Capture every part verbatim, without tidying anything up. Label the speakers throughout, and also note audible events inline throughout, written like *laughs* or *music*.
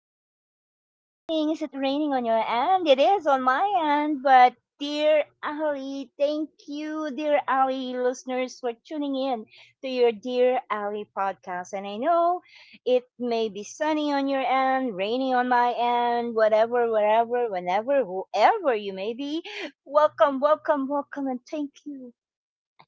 Speaker 1: good afternoon, good evening. Is it raining on your end? It is on my end, but dear Ali, thank you, dear Ali listeners, for tuning in to your Dear Ali podcast. And I know it may be sunny on your end, rainy on my end, whatever, wherever, whenever, whoever you may be. Welcome, welcome, welcome, and thank you.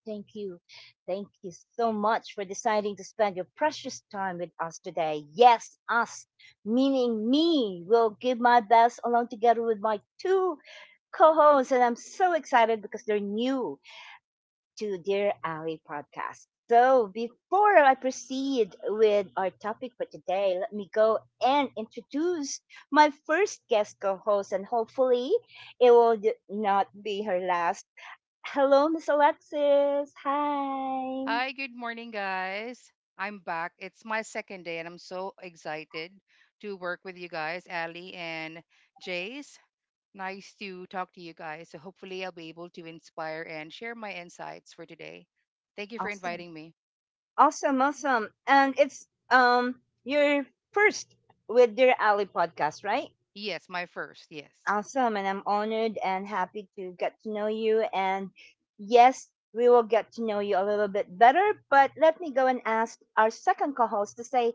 Speaker 1: Thank you. Thank you so much for deciding to spend your precious time with us today. Yes, us, meaning me, will give my best along together with my two co hosts. And I'm so excited because they're new to Dear Ally podcast. So before I proceed with our topic for today, let me go and introduce my first guest co host. And hopefully, it will d- not be her last. Hello, Miss Alexis. Hi.
Speaker 2: Hi, good morning, guys. I'm back. It's my second day, and I'm so excited to work with you guys, Ali and Jace. Nice to talk to you guys. So, hopefully, I'll be able to inspire and share my insights for today. Thank you for
Speaker 1: Awesome.
Speaker 2: inviting me.
Speaker 1: Awesome. Awesome. And it's um your first with Dear Ali podcast, right?
Speaker 2: Yes, my first. Yes.
Speaker 1: Awesome. And I'm honored and happy to get to know you. And yes, we will get to know you a little bit better. But let me go and ask our second co-host to say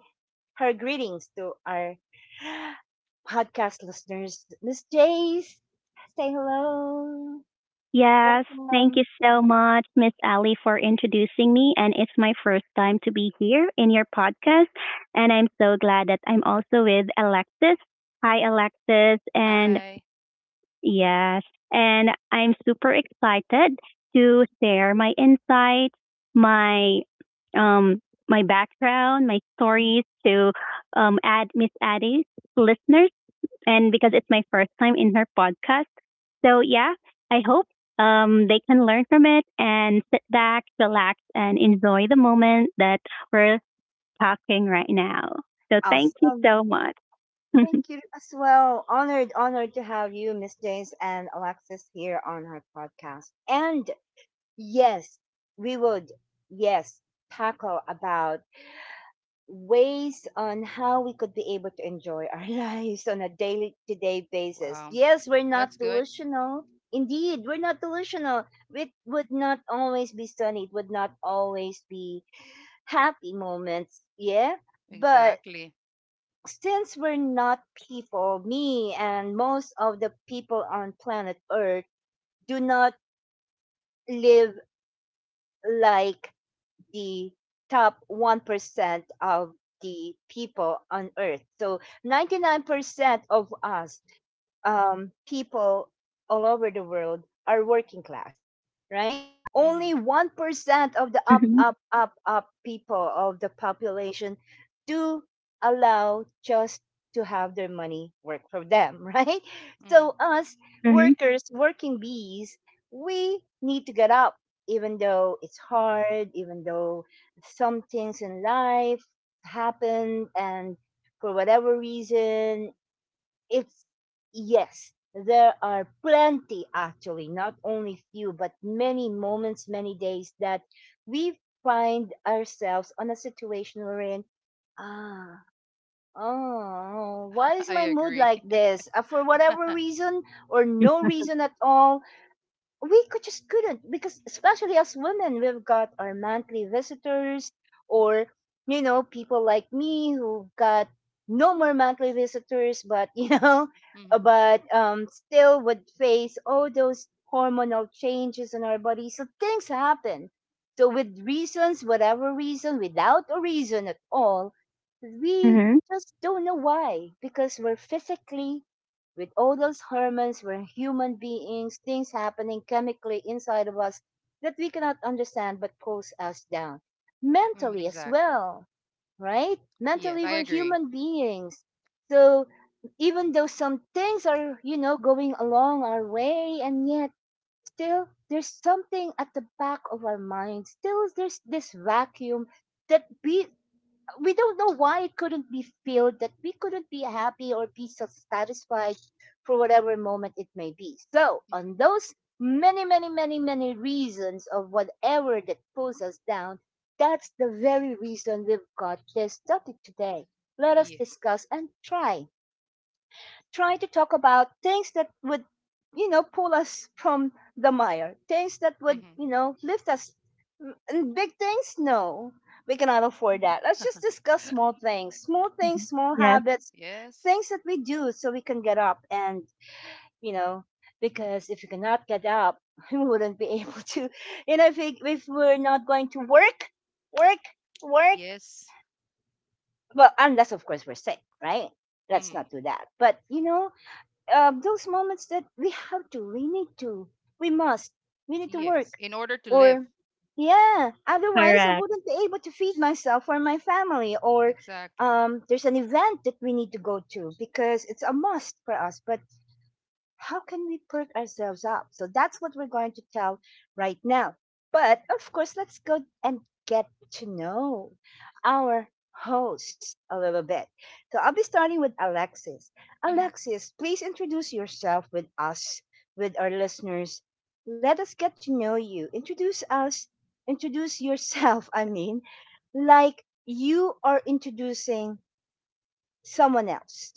Speaker 1: her greetings to our *gasps* *sighs* podcast listeners. Miss Jace, say hello.
Speaker 3: Yes, thank
Speaker 1: Welcome.
Speaker 3: you so much, Miss Ali, for introducing me. And it's my first time to be here in your podcast. And I'm so glad that I'm also with Alexis. Hi, Alexis. And
Speaker 2: Hi.
Speaker 3: yes, and I'm super excited to share my insights, my um, my background, my stories to um, add Miss Addie's listeners, and because it's my first time in her podcast. So yeah, I hope um, they can learn from it and sit back, relax, and enjoy the moment that we're talking right now. So thank you so
Speaker 1: Awesome.
Speaker 3: much. *laughs*
Speaker 1: Thank you as well. Honored, honored to have you, Miss James and Alexis, here on our podcast. And yes, we would, yes, tackle about ways on how we could be able to enjoy our *laughs* lives on a daily to day basis.
Speaker 2: Wow.
Speaker 1: Yes,
Speaker 2: th-
Speaker 1: we're
Speaker 2: That's
Speaker 1: not
Speaker 2: good.
Speaker 1: delusional. Indeed, we're not delusional. It would not always be sunny. It would not always be happy moments. Yeah. But
Speaker 2: Exactly.
Speaker 1: since we're not people, me and most of the people on planet Earth do not live like the top one percent of the people on Earth. So ninety-nine percent of us um, people all over the world are working class, right?
Speaker 2: Mm-hmm.
Speaker 1: Only one percent of the up,
Speaker 3: Hmm.
Speaker 1: up, up, up people of the population do allow just to have their money work for them, *laughs* right?
Speaker 2: Mm-hmm.
Speaker 1: So, us
Speaker 3: Hmm.
Speaker 1: workers, working bees, we need to get up, even though it's hard, even though some things in life happen and for whatever reason it's, yes, there are plenty actually, not only few, but many moments, many days that we find ourselves on a situation wherein, ah, oh, why
Speaker 2: *laughs*
Speaker 1: is
Speaker 2: I
Speaker 1: my mood
Speaker 2: agree.
Speaker 1: like
Speaker 2: *laughs*
Speaker 1: this? Uh, for whatever reason or no reason at all, we could just couldn't, because especially as women we've got our monthly visitors, or you know people like me who got no more monthly visitors but you know *laughs*
Speaker 2: Mm-hmm.
Speaker 1: but um still would face all those hormonal changes in our body. So things happen, so with reasons, whatever reason, without a reason at all, we
Speaker 3: Hmm.
Speaker 1: just don't know why because we're physically, with all those hormones, we're human beings, things happening chemically inside of us that we cannot understand but pulls us down.
Speaker 2: Mm,
Speaker 1: Mentally as
Speaker 2: exactly.
Speaker 1: well, right?
Speaker 2: Yes,
Speaker 1: Mentally,
Speaker 2: I
Speaker 1: we're
Speaker 2: agree.
Speaker 1: human beings. So even though some things are, you know, going along our way, and yet still there's something at the back of our mind, still there's this vacuum that we we don't know why it couldn't be filled, that we couldn't be happy or be so satisfied for whatever moment it may be. So on those many many many many reasons of whatever that pulls us down, that's the very reason we've got this topic today. Let us
Speaker 2: Yes.
Speaker 1: discuss and try trying to talk about things that would, you know, pull us from the mire, things that would,
Speaker 2: Mm-hmm.
Speaker 1: you know, lift us. Mm, And big things, no, we cannot afford that. Let's just discuss small things, small things, small
Speaker 3: Yes,
Speaker 2: *laughs*
Speaker 1: habits,
Speaker 2: Yes.
Speaker 1: things that we do so we can get up. And, you know, because if you cannot get up, *laughs* we wouldn't be *laughs* able to, you know, if, we, if we're not going to work, work, work,
Speaker 2: Yes.
Speaker 1: well, unless, of course, we're sick, right? Let's
Speaker 2: Hmm.
Speaker 1: not do that. But, you know, uh, those moments that we have to, we need to, we must, we need to
Speaker 2: Yes,
Speaker 1: work.
Speaker 2: in order to live.
Speaker 1: Or, yeah, otherwise I
Speaker 3: correct.
Speaker 1: wouldn't be able to feed myself or my family. Or
Speaker 2: Exactly.
Speaker 1: um, there's an event that we need to go to because it's a must for us. But how can we perk ourselves up? So that's what we're going to tell right now. But of course, let's go and get to know our hosts a little bit. So I'll be starting with Alexis.
Speaker 2: Hmm.
Speaker 1: Alexis, please introduce yourself with us, with our listeners. Let us get to know you. Introduce us, introduce yourself, *laughs* I mean, like you are introducing someone else,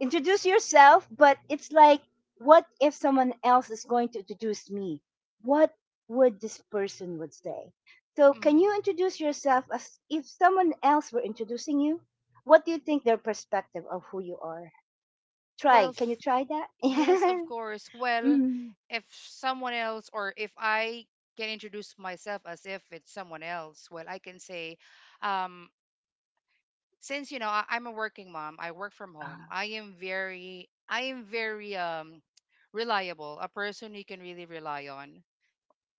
Speaker 1: introduce yourself, but it's like, what if someone else is going to introduce me? What would this person would say? So can
Speaker 2: Hmm.
Speaker 1: you introduce yourself as if someone else were introducing you? What do you think their perspective of who you are?
Speaker 2: Well,
Speaker 1: Try. Can you
Speaker 2: f-
Speaker 1: try that? *laughs*
Speaker 2: yes,
Speaker 1: Yeah.
Speaker 2: of course. Well,
Speaker 1: Mm.
Speaker 2: if someone else or if I can introduce myself as if it's someone else, well, I can say, um, since you know I, I'm a working mom. I work from home.
Speaker 1: Ah,
Speaker 2: I am very, I am very um, *tsk* reliable, a person you can really rely on,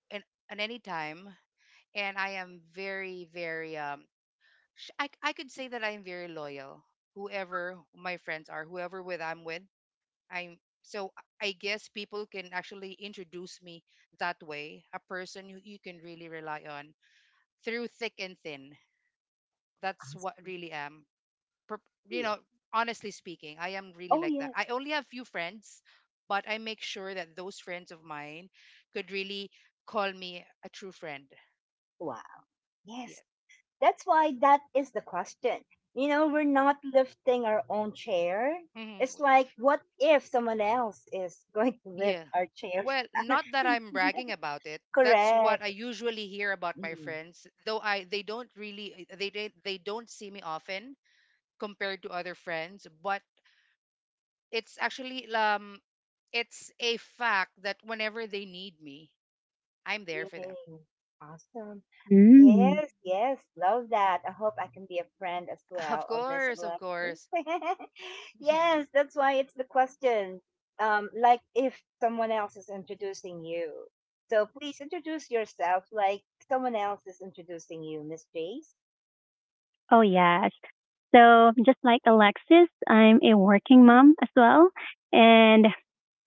Speaker 2: and at any time. And I am very, very um, sh- I, I could say that I'm very loyal. Whoever my friends are, whoever with I'm with, I'm so I guess people can actually introduce me that way. A person who you can really rely on through thick and thin. That's
Speaker 1: I
Speaker 2: what
Speaker 1: see.
Speaker 2: really am. Per- You
Speaker 1: Yeah.
Speaker 2: know, honestly speaking, I am really
Speaker 1: Oh
Speaker 2: like that.
Speaker 1: yes.
Speaker 2: I only have few friends, but I make sure that those friends of mine could really call me a true friend.
Speaker 1: Wow.
Speaker 2: Yeah.
Speaker 1: Yes. That's why that is the question. You know, we're not lifting our own chair.
Speaker 2: Hmm.
Speaker 1: It's like, what if someone else is *laughs* going to lift
Speaker 2: Yeah.
Speaker 1: our chair?
Speaker 2: Well, not that I'm bragging about it.
Speaker 1: *laughs*
Speaker 2: That's what I
Speaker 1: Correct.
Speaker 2: usually hear about my
Speaker 1: Mm.
Speaker 2: friends. Though I they don't really they they, they don't see me often compared to other friends, but it's actually um it's a fact that whenever they need me, I'm there for them.
Speaker 1: Yay. Awesome.
Speaker 3: Mm.
Speaker 1: Yes, yes, love that. I hope I can be a friend as
Speaker 2: *laughs* Of
Speaker 1: well of Miss
Speaker 2: course, of course.
Speaker 1: Alexis. *laughs* Yes,
Speaker 2: *laughs*
Speaker 1: that's why it's the question. Um, like if someone else is introducing you. So please introduce yourself like someone else is introducing you, Miss Jace.
Speaker 3: Oh yes. So just like Alexis, I'm a working mom as well, and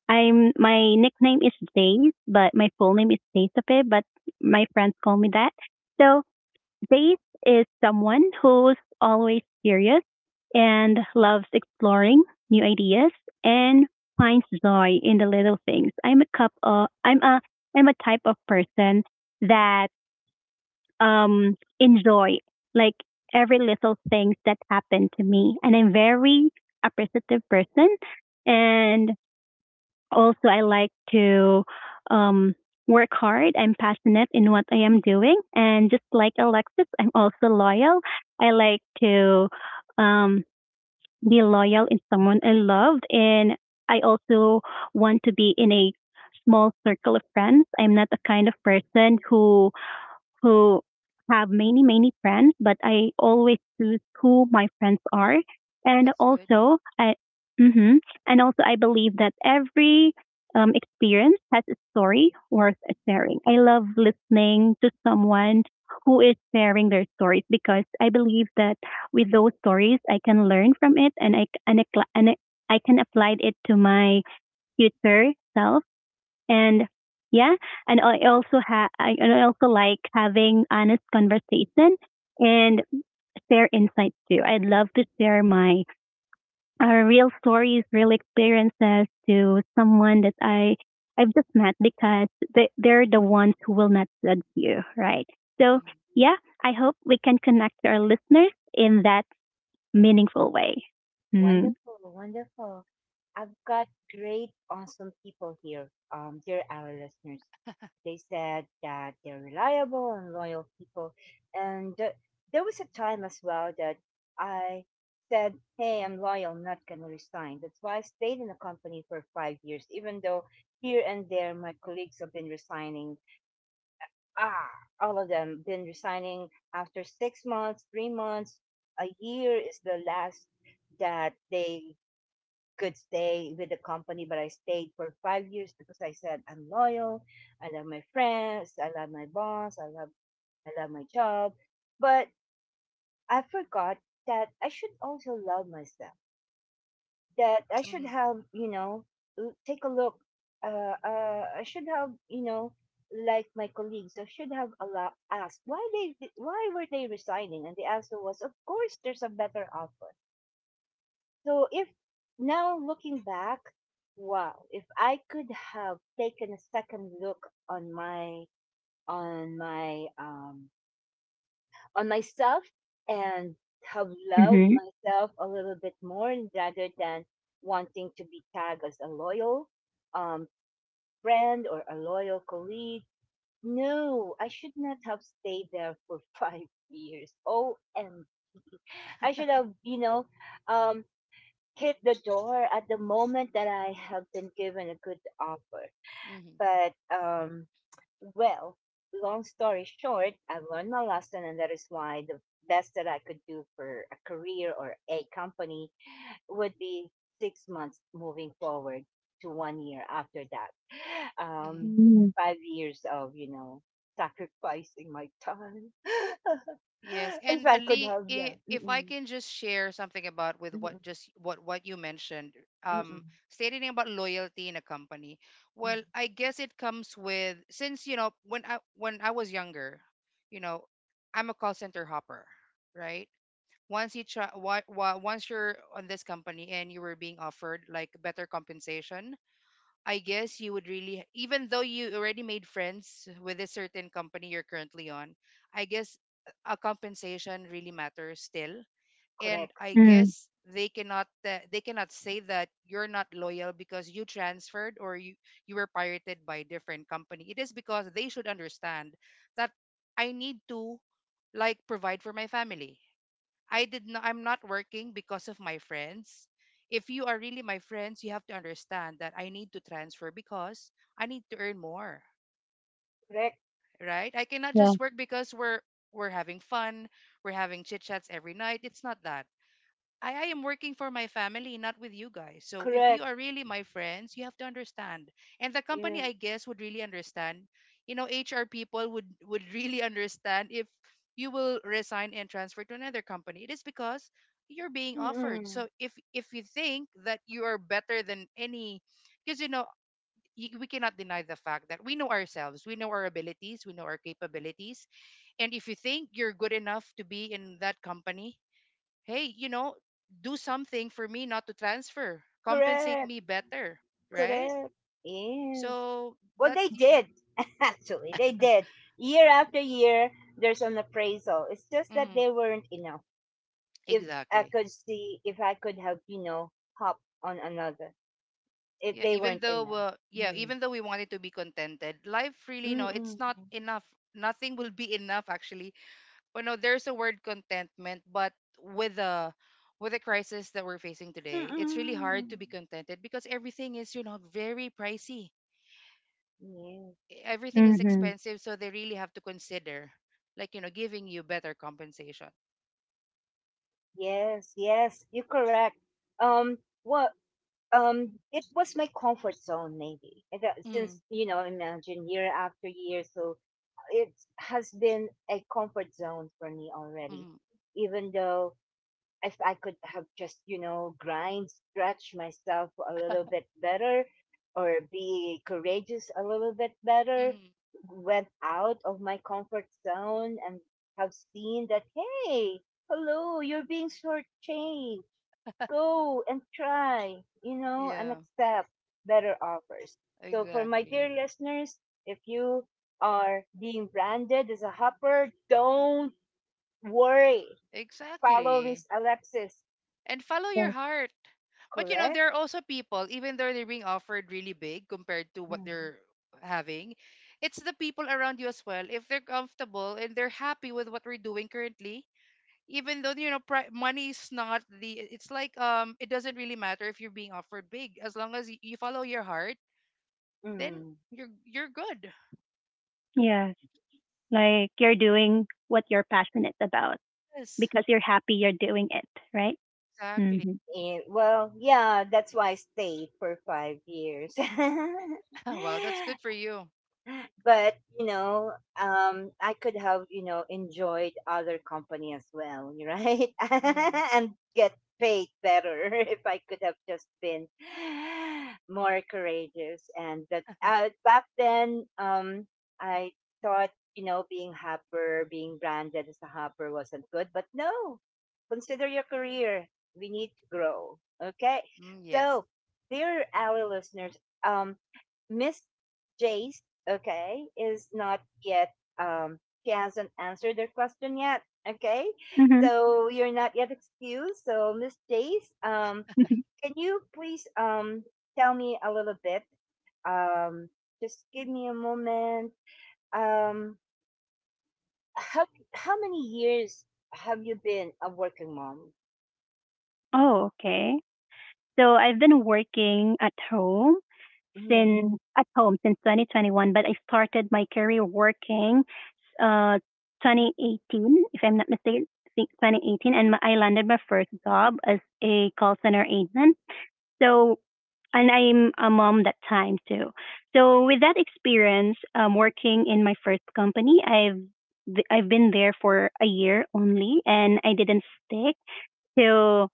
Speaker 3: I'm my nickname is Days, but my full name is Daisafe, but my friends call me that. So Days is someone who's always curious and loves exploring new ideas and finds joy in the little things. I'm a cup of I'm a I'm a type of person that um enjoy like every little things that happen to me, and I'm very appreciative person. And also, I like to um, work hard. I'm passionate in what I am doing. And just like Alexis, I'm also loyal. I like to um, be loyal in someone I loved. And I also want to be in a small circle of friends. I'm not the kind of person who who have many, many friends, but I always choose who my friends are. And
Speaker 2: That's good.
Speaker 3: also, I, hmm and also I believe that every um, experience has a story worth sharing. I love listening to someone who is sharing their stories because I believe that with those stories, I can learn from it, and I, and I, and I can apply it to my future self. And yeah, and I also have I and I also like having honest conversation and share insights too. I'd love to share my uh, real stories, real experiences to someone that I I've just met, because they, they're the ones who will not judge you, right? So
Speaker 2: Hmm.
Speaker 3: yeah, I hope we can connect to our listeners in that meaningful way. Mm-hmm.
Speaker 1: Wonderful, wonderful. I've got great, awesome people here, um, dear our listeners. They said that they're reliable and loyal people. And uh, there was a time as well that I said, Hey, I'm loyal, not going to resign. That's why I stayed in the company for five years, even though here and there my colleagues have been resigning. Ah, all of them been resigning after six months, three months, a year is the last that they could stay with the company, but I stayed for five years because I said I'm loyal. I love my friends. I love my boss. I love I love my job. But I forgot that I should also love myself. That I should
Speaker 2: Hmm.
Speaker 1: have, you know, l- take a look. Uh, uh, I should have, you know, like my colleagues, I should have allow asked why, they why were they resigning, and the answer was of course there's a better offer. So if, now looking back, wow, if I could have taken a second look on my, on my um on myself, and have loved
Speaker 3: Mm-hmm.
Speaker 1: myself a little bit more rather than wanting to be tagged as a loyal um friend or a loyal colleague. No, I should not have stayed there for *laughs* five years. Oh, and I should have, you know, um, hit the door at the moment that I have been given a good offer. But, um, well, long story short, I've learned my lesson, and that is why the best that I could do for a career or a company would be six months moving forward to one year after that. Um,
Speaker 2: Hmm.
Speaker 1: five years of, you know, sacrificing my time.
Speaker 2: Yes,
Speaker 1: *laughs* If
Speaker 2: and
Speaker 1: I could
Speaker 2: Ali,
Speaker 1: have, yeah.
Speaker 2: i- if I
Speaker 1: Mm-mm,
Speaker 2: can just share something about with what
Speaker 1: mm-mm,
Speaker 2: just what what you mentioned,
Speaker 1: mm-mm,
Speaker 2: um, stating about loyalty in a company.
Speaker 1: mm.
Speaker 2: Well, I guess it comes with since you know when I when I was younger, you know, I'm a call center hopper, right? Once you try, what, once you're on this company and you were being offered like better compensation, I guess you would really, even though you already made friends with a certain company you're currently on, I guess a compensation really matters still. And
Speaker 1: Correct,
Speaker 2: I
Speaker 3: Mm-hmm.
Speaker 2: guess they cannot uh, they cannot say that you're not loyal because you transferred or you you were pirated by a different company. It is because they should understand that I need to like provide for my family. I did not I'm not working because of my friends. If you are really my friends, you have to understand that I need to transfer because I need to earn more,
Speaker 1: correct,
Speaker 2: right? I cannot
Speaker 3: Yeah.
Speaker 2: just work because we're we're having fun, we're having chit-chats every night. It's not that. I, I am working for my family, not with you guys. So if you
Speaker 1: correct.
Speaker 2: are really my friends, you have to understand. And the company,
Speaker 1: Yes.
Speaker 2: I guess, would really understand. You know, H R people would *laughs* would really understand if you will resign and transfer to another company. It is because you're being offered.
Speaker 1: Mm-mm.
Speaker 2: So if if you think that you are better than any, because you know y- we cannot deny the fact that we know ourselves, we know our abilities, we know our capabilities, and if you think you're good enough to be in that company, hey, you know, do something for me not to transfer. Compensate
Speaker 1: Correct.
Speaker 2: me better, right?
Speaker 1: Correct. Yes.
Speaker 2: So
Speaker 1: Well, they
Speaker 2: that's y- th-
Speaker 1: did. *laughs* Actually, they did. Year after year, there's an appraisal. It's just that
Speaker 2: mm,
Speaker 1: they weren't enough. If I
Speaker 2: exactly.
Speaker 1: could see, if I could have, you know, hop on another, if
Speaker 2: Yeah,
Speaker 1: they
Speaker 2: even
Speaker 1: weren't
Speaker 2: though
Speaker 1: enough.
Speaker 2: uh, yeah,
Speaker 1: Mm.
Speaker 2: even though we wanted to be contented, life really no, it's
Speaker 1: Mm-mm.
Speaker 2: not enough. Nothing will be enough actually. But no, there's a word contentment, but with a with the crisis that we're facing today, it's really hard to
Speaker 1: Mm-mm.
Speaker 2: be contented because everything is, you know, very pricey,
Speaker 1: Yes.
Speaker 2: e, everything is
Speaker 3: Mm-hmm.
Speaker 2: expensive, so they really have to consider, like, you know, giving you better compensation.
Speaker 1: Yes. Yes. You're correct. Um. What? Um, it was my comfort zone maybe. And that-
Speaker 2: Mm,
Speaker 1: since you know, imagine year after year, so it has been a comfort zone for me already,
Speaker 2: mm,
Speaker 1: even though, if I could have just, you know, grind stretch myself a little bit better or be courageous a little bit better,
Speaker 2: mm.
Speaker 1: went out of my comfort zone and have seen that, hey, hello, you're being shortchanged, go and try, you know, and
Speaker 2: Yeah,
Speaker 1: accept better offers. So, for my dear
Speaker 2: exactly.
Speaker 1: listeners, if you are being branded as a hopper, don't worry. Follow
Speaker 2: Exactly.
Speaker 1: this Alexis,
Speaker 2: And follow your
Speaker 3: Yes.
Speaker 2: heart. But, you know,
Speaker 1: correct?
Speaker 2: there are also people, even though they're being offered really big compared to what
Speaker 1: Mm.
Speaker 2: they're having, it's the people around you as well. If they're comfortable and they're happy with what we're doing currently, even though you know pri- money is not the it's like um it doesn't really matter if you're being offered big as long as y- you follow your heart, then
Speaker 1: Mm.
Speaker 2: you're you're good.
Speaker 3: Yeah. Like you're doing what you're passionate about, because you're happy you're doing it, right? Mm-hmm.
Speaker 1: And, well, yeah, that's why I stayed for five years. *laughs* But you know, um I could have, you know, enjoyed other company as well, *laughs* right, *laughs* and get paid better. *laughs* If I could have just been *gasps* more courageous. And that uh, Back then, um I thought, you know, being hopper, being branded as a hopper wasn't good. But no, consider your career, we need to grow, okay? So, dear our listeners, um Miss Jace, okay, is not yet, um, she hasn't answered their question yet, okay?
Speaker 3: Mm-hmm.
Speaker 1: So you're not yet excused. So, Miss Jace, um,
Speaker 3: *laughs*
Speaker 1: can you please um, tell me a little bit? Um, just give me a moment. Um, how, how many years have you been a working mom?
Speaker 3: Oh, okay. So I've been working at home
Speaker 1: Mhm.
Speaker 3: since at home since twenty twenty-one, but I started my career working uh twenty eighteen, if I'm not mistaken, I think twenty eighteen, and my- I landed my first job as a call center agent. So, and I'm a mom that time too. So with that experience, um, working in my first company, I've I've been there for a year only, and I didn't stick to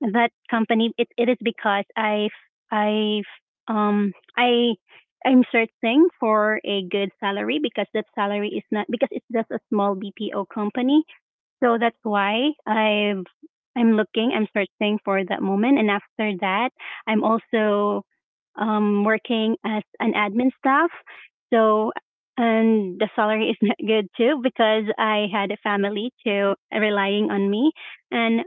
Speaker 3: that company. It it is because I've I've um I I'm searching for a good salary, because that salary is not, because it's just a small B P O company, so that's why I have I'm looking, I'm searching for that moment. And after that, I'm also um, working as an admin staff. So, and the salary is *laughs* not good too, because I had a family too relying on me, and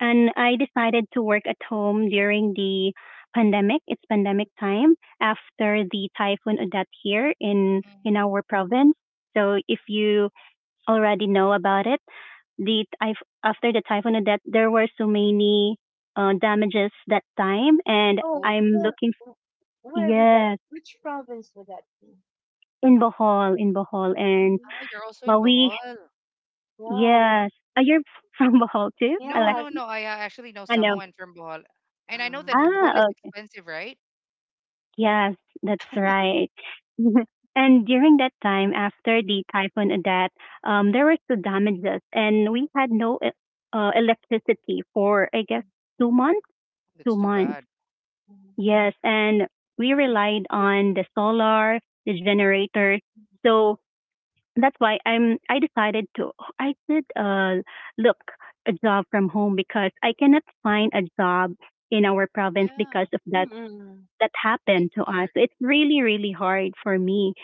Speaker 3: and I decided to work at home during the pandemic. It's pandemic time after the typhoon Odette here in in our province. So, if you already know about it. The typh- after the typhoon, that there were so many uh, damages that time, and
Speaker 1: Oh,
Speaker 3: I'm
Speaker 1: where,
Speaker 3: looking.
Speaker 1: where would that,
Speaker 3: Yes,
Speaker 1: which province would that be?
Speaker 3: in Bohol, in Bohol, and,
Speaker 1: Mhm.
Speaker 3: well, we
Speaker 1: Wow,
Speaker 3: yes. Are you *laughs* from Bohol too,
Speaker 1: yeah.
Speaker 3: Alexis? I know.
Speaker 1: Um,
Speaker 3: Ah, okay. Yes, that's right. *laughs* And during that time, after the typhoon that, um, there were two damages, and we had no e-, uh, electricity for, I guess, two months. Two months. Yes, and we relied on the solar, the generator. So that's why I'm I decided to I did uh look a job from home, because I cannot find a job in our province because of that
Speaker 1: mm,
Speaker 3: that happened to us. So, it's really, really hard for me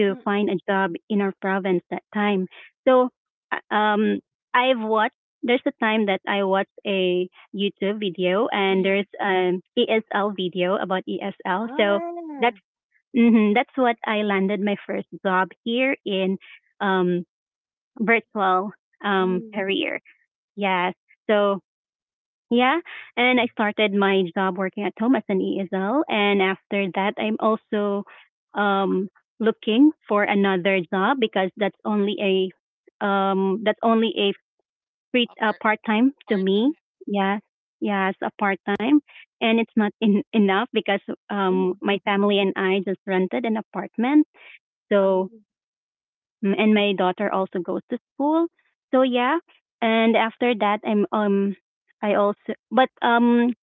Speaker 3: to find
Speaker 1: mm,
Speaker 3: a job in our province that time. So, uh, um, I've watched. There's a time that I watched a YouTube video, and there's
Speaker 1: mm.
Speaker 3: an E S L video about E S L.
Speaker 1: Ah,
Speaker 3: So that's
Speaker 1: mm,
Speaker 3: hmm that's what I landed my first job here in um virtual um career. Yes. So yeah, and I started my job working at home as an E S L, and after that, I'm also um, looking for another job, because that's only a um, that's only a free, uh, part time to me.
Speaker 1: mm,
Speaker 3: Yes, yes, a part time, and it's not, in, enough, because
Speaker 1: mm.
Speaker 3: um, my family and I just rented an apartment.
Speaker 1: Ah,
Speaker 3: So, mm, and my daughter also goes to school. So yeah, and after that, I'm um, I also, but um,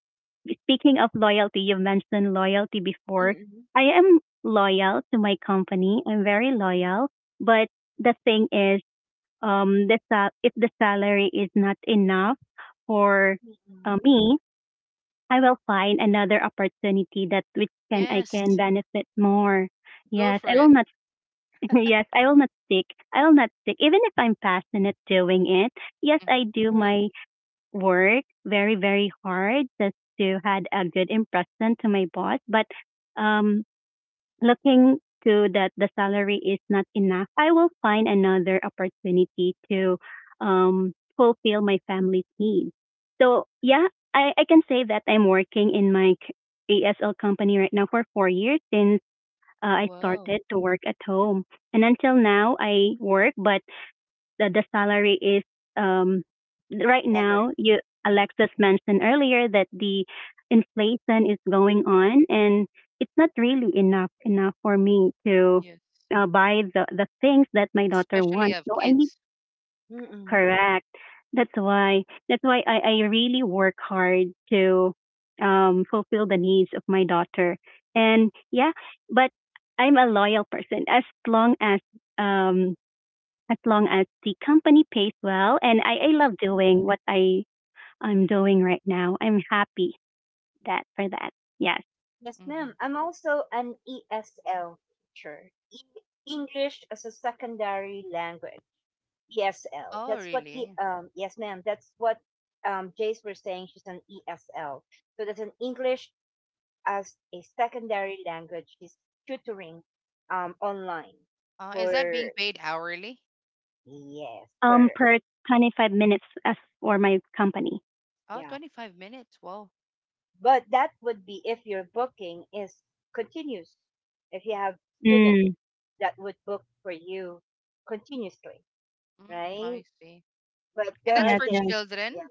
Speaker 3: speaking of loyalty, you mentioned loyalty
Speaker 1: mm,
Speaker 3: before.
Speaker 1: mm,
Speaker 3: I am loyal to my company. I'm very loyal, but the thing is, um, the sal- if the salary is not enough for, uh,
Speaker 1: mm,
Speaker 3: me, I will find another opportunity that which can I can benefit more. Yes, I will not. *laughs* Yes, I will not stick. I will not stick. Even if I'm passionate doing it, yes, I do
Speaker 1: mm.
Speaker 3: my work very very hard just to had a good impression to my boss. But um looking to that the salary is not enough, I will find another opportunity to um fulfill my family's needs. So yeah, i i can say that I'm working in my c- asl company right now for four years, since uh, I started to work at home. And until now I work, but the, the salary is, um, right
Speaker 1: Better.
Speaker 3: now. You
Speaker 1: Mm,
Speaker 3: Alexis mentioned earlier that the inflation is going on, and it's not really enough enough for me to, uh, buy the the things that my daughter wants. So I need to.
Speaker 1: mm,
Speaker 3: Correct. That's why that's why I, I really work hard to, um, fulfill the needs of my daughter. And yeah, but I'm a loyal person. As long as um, as long as the company pays well. And I, I love
Speaker 1: mm.
Speaker 3: doing what I, I'm doing right now. I'm happy that for that. Yes.
Speaker 1: Yes, ma'am. I'm also an E S L teacher, E English as a secondary language, E S L. That's what E um yes, ma'am. That's what um Jace were saying. She's an E S L, so that's an English as a secondary language. She's tutoring um online for yes,
Speaker 3: Um,
Speaker 1: for
Speaker 3: per twenty-five minutes as for my company.
Speaker 1: yeah. But that would be if your booking is continuous. If you have students
Speaker 3: Mm.
Speaker 1: that would book for you continuously, right? But there are
Speaker 3: Yes, yes.
Speaker 1: days, yeah,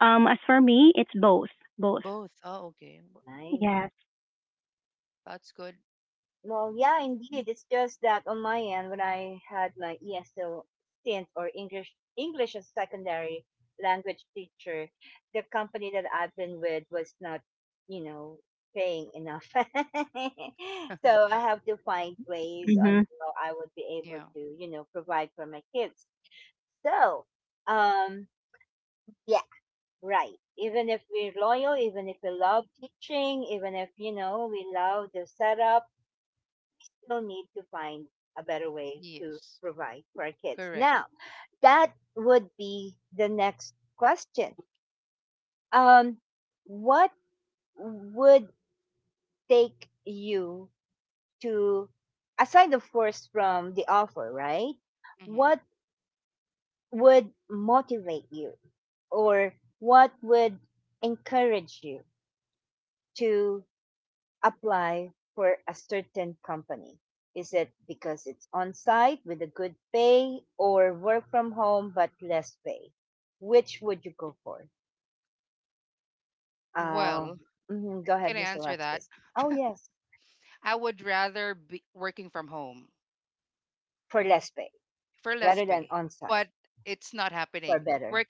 Speaker 3: Um, as for me, it's both. Both.
Speaker 1: nice.
Speaker 3: Yes.
Speaker 1: Well, yeah, indeed. It's just that on my end, when I had my E S L stint or English English as secondary language teacher, the company that I've been with was not, you know, paying enough. *laughs* So I have to find ways on
Speaker 3: Mm-hmm.
Speaker 1: how I would be able to, you know, provide for my kids. So, um, yeah, right. Even if we're loyal, even if we love teaching, even if, you know, we love the setup, still need to find a better way to provide for our kids. Now, that would be the next question. Um, what would take you to, aside of course from the offer, right? What would motivate you or what would encourage you to apply for a certain company? Is it because it's on site with a good pay or work from home but less pay? Which would you go for? Uh, mhm, go ahead, Miss Alexis. Oh, yes, for less pay rather than on site for better.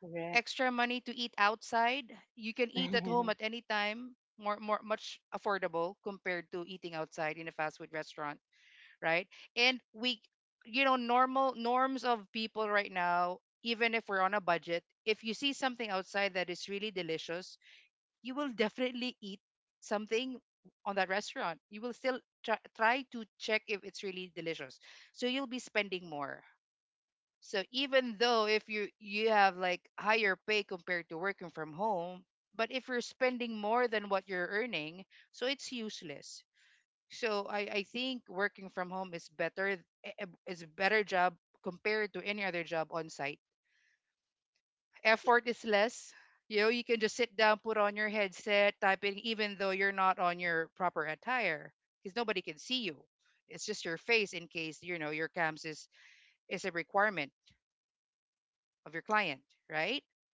Speaker 1: Correct. *laughs*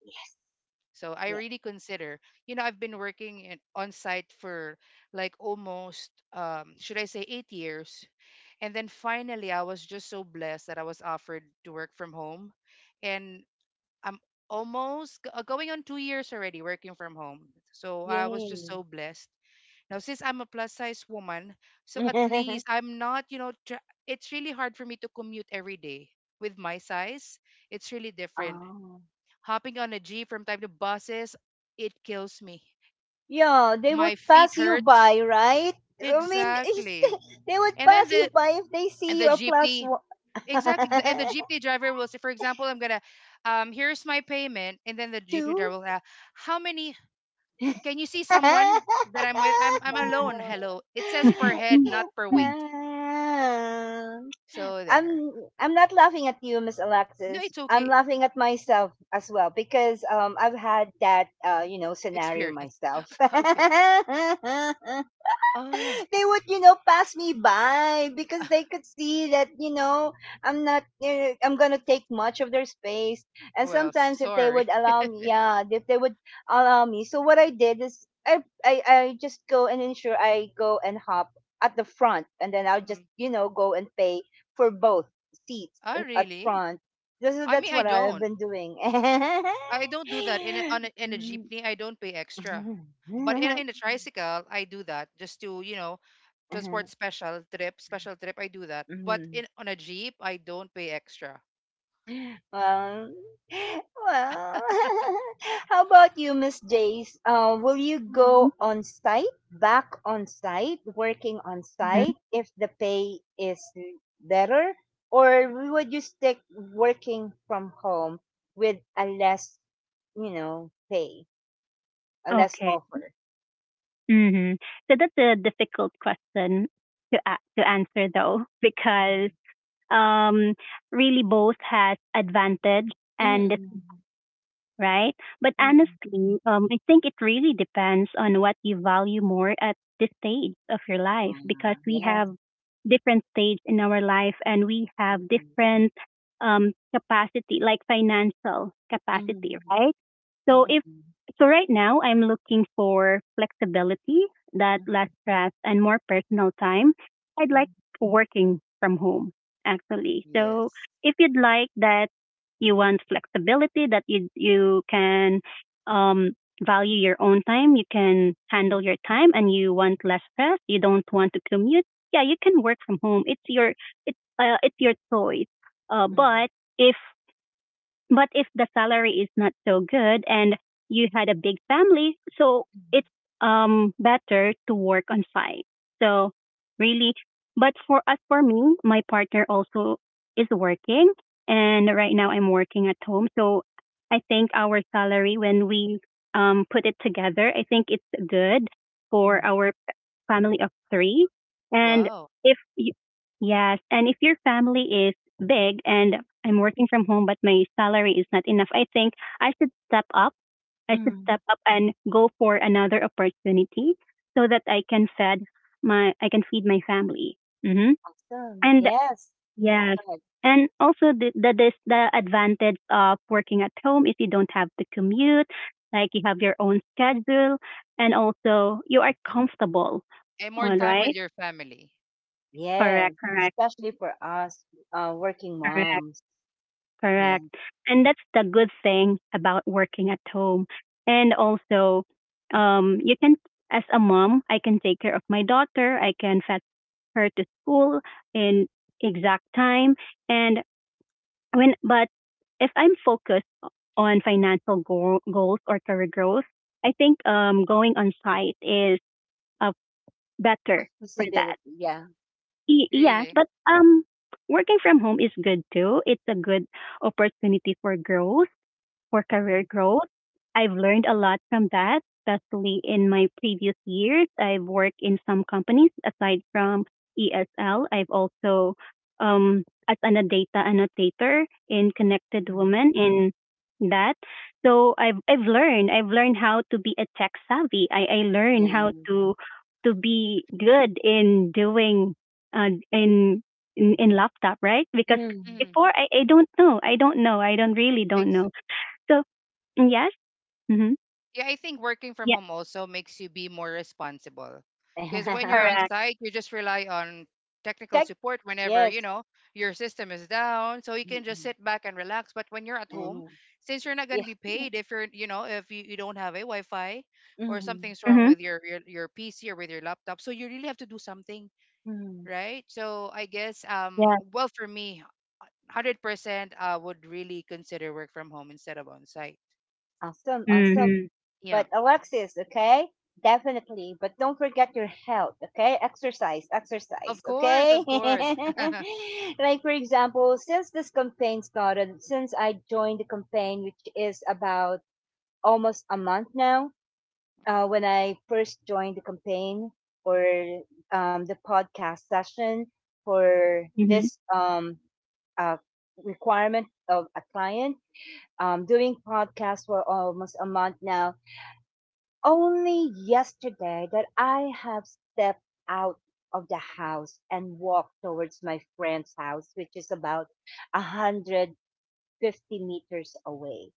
Speaker 1: Yes, yes. Yay. *laughs* Oh. Yeah, they would pass you by, right? I mean, *laughs* they would pass you by if they see you a plus one. *laughs* Two.
Speaker 3: *laughs*
Speaker 1: Um, I'm I'm not laughing at you, Miss Alexis. I'm laughing at myself as well because um I've had that uh you know scenario myself. *laughs* They would, you know, pass me by because they could see that, you know, I'm not, uh, I'm gonna take much of their space. And sometimes, if they would allow me, yeah, if they would allow me. So what I did is, I, I, I just go and ensure I go and hop at the front, and then I'll just, you know, go and pay for both seats and- at front. This is That's what I've been doing. *laughs* Mhm. *laughs* Mhm. Mhm. Well, *laughs* well. *laughs* How about you, Miss Jace? Uh, will you
Speaker 3: Mhm.
Speaker 1: go on site, back on site, working on
Speaker 3: Mhm.
Speaker 1: site if the pay is better, or would you stick working from home with a less, you know, pay, a less
Speaker 3: Okay.
Speaker 1: offer?
Speaker 3: hmm So that's a difficult question to a- to answer, though, because
Speaker 1: Mhm.
Speaker 3: um, really both has advantage and,
Speaker 1: Mm-mm.
Speaker 3: right? But
Speaker 1: Mm-mm.
Speaker 3: honestly, um, I think it really depends on what you value more at this stage of your life, because
Speaker 1: Ah,
Speaker 3: we
Speaker 1: yes.
Speaker 3: have different stage in our life, and we have
Speaker 1: Mm-mm.
Speaker 3: different um, capacity, like financial capacity,
Speaker 1: Mm-mm.
Speaker 3: right? So if
Speaker 1: Mm-mm.
Speaker 3: so, right now I'm looking for flexibility, that less
Speaker 1: Mm-mm.
Speaker 3: stress and more personal time. I'd like
Speaker 1: Mm-mm.
Speaker 3: working from home, actually. So if you'd like that, you want flexibility, that you you can um, value your own time. You can handle your time, and you want less stress. You don't want to commute. Yeah, you can work from home. It's your, it's uh, it's your choice. Uh,
Speaker 1: Mm-mm.
Speaker 3: but if but if the salary is not so good, and you had a big family, so it's um better to work on site. So really, but for us, for me, my partner also is working, and right now I'm working at home. So I think our salary, when we um put it together, I think it's good for
Speaker 1: Mm-mm.
Speaker 3: our family of three. And if, y- yes, and if your family is big, and I'm working from home, but my salary is not enough, I think I should step up. I should step
Speaker 1: Mm.
Speaker 3: up and go for another opportunity, so that I can, fed my, I can feed my family. hmm
Speaker 1: Awesome.
Speaker 3: And
Speaker 1: Yes. Mm-hmm.
Speaker 3: yes,
Speaker 1: Good.
Speaker 3: and also the, the this the advantage of working at home is you don't have to commute, like you have your own schedule, and also you are comfortable. All
Speaker 1: Mm-hmm.
Speaker 3: right.
Speaker 1: Yes.
Speaker 3: Correct, correct,
Speaker 1: Especially for us, uh, working
Speaker 3: correct,
Speaker 1: moms. Yeah.
Speaker 3: correct. And that's the good thing about working at home. And also, um, you can, as a mom, I can take care of my daughter. I can fetch her to school in exact time. And when, but if I'm focused on financial goal, goals or career growth, I think um, going on site is, uh, better for that.
Speaker 1: Accessibility. Yeah.
Speaker 3: Y- yes, but um, working from home is good too. It's a good opportunity for growth for career growth. I've learned a lot from that, especially in my previous years. I've worked in some companies aside from E S L. I've also um as an a data annotator in Connected
Speaker 1: Mm-hmm.
Speaker 3: Women in that. So I've I've learned I've learned how to be a tech savvy. I I learned how
Speaker 1: Yes.
Speaker 3: to to be good in doing, uh, in, in in laptop, right? Because
Speaker 1: Mm.
Speaker 3: before, I, I don't know i don't know i don't really don't know, so. Yes. Mhm. Yes.
Speaker 1: *laughs*
Speaker 3: Correct.
Speaker 1: Check. Yes. Mm-mm. And yeah. *laughs* Mm-hmm.
Speaker 3: Mhm.
Speaker 1: Mm-hmm.
Speaker 3: Yes.
Speaker 1: Awesome. Awesome.
Speaker 3: Mhm.
Speaker 1: But Alexis, okay? Definitely. But don't forget your health, okay? Exercise, exercise, okay? *laughs* Like, for example, since this campaign started, since I joined the campaign, which is about almost a month now, uh, when I first joined the campaign or um, the podcast session for
Speaker 3: Mhm.
Speaker 1: this um, uh, requirement of a client. Um, doing podcasts for almost a month now, only yesterday that I have stepped out of the house and walked towards my friend's house, which is about one hundred fifty meters away.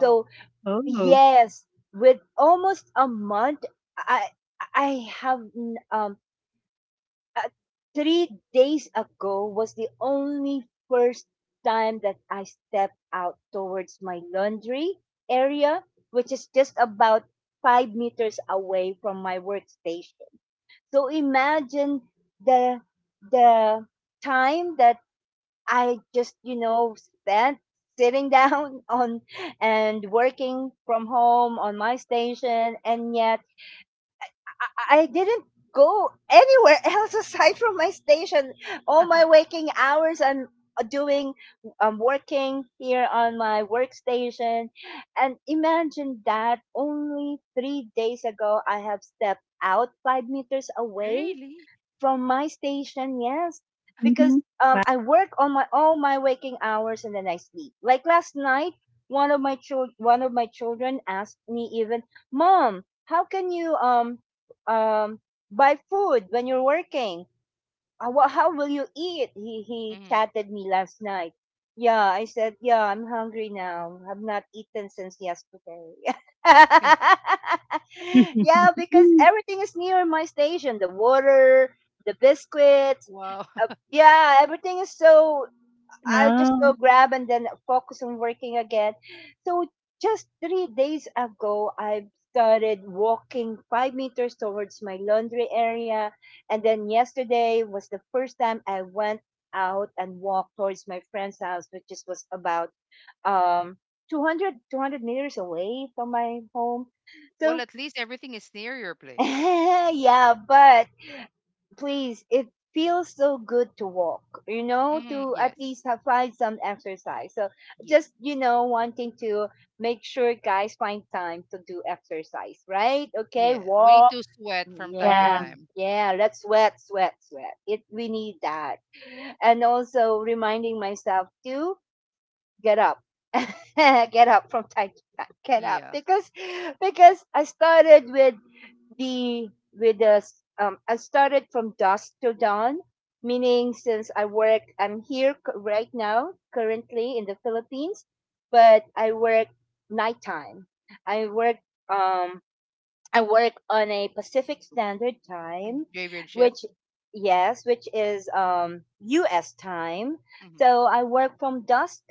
Speaker 1: So,
Speaker 3: Oh.
Speaker 1: yes, with almost a month, I I have n- um uh, three days ago was the only first time that I stepped out towards my laundry area, which is just about five meters away from my workstation. So imagine the the time that I just you know spent sitting down *laughs* on and working from home on my station, and yet I, I didn't go anywhere *laughs* else aside from my station. All my waking hours I'm doing I'm working here on my workstation. And imagine that only three days ago I have stepped out five meters away from my station, yes, because
Speaker 3: Mhm.
Speaker 1: um,
Speaker 3: Wow.
Speaker 1: I work on my all my waking hours and then I sleep. Like last night, one of my child, one of my children asked me even, "Mom, how can you um um buy food when you're working?" Uh, what? How will you eat? He he chatted me last night. Yeah, I said, yeah, I'm hungry now. I've not eaten since yesterday. *laughs* Yeah, because
Speaker 3: *laughs*
Speaker 1: everything is near my station. The water, the biscuits, uh, yeah, everything is so I'll just
Speaker 3: Oh.
Speaker 1: go grab and then focus on working again. So just three days ago, I started walking five meters towards my laundry area, and then yesterday was the first time I went out and walked towards my friend's house, which just was about um two hundred two hundred meters away from my home. So *laughs* yeah, but please it feels so good to walk you know to at least have find some exercise so just you know wanting to make sure guys find time to do exercise right okay walk yeah
Speaker 3: Yeah.
Speaker 1: yeah let's sweat sweat sweat it, we need that, and also reminding myself too, get up *laughs* get up from time to time, get up because because I started with the with the s- um I started from dusk to dawn, meaning since I work i'm here c- right now currently in the Philippines but I work nighttime, i work um I work on a Pacific Standard Time, which yes, which is um U S time. So I work from dusk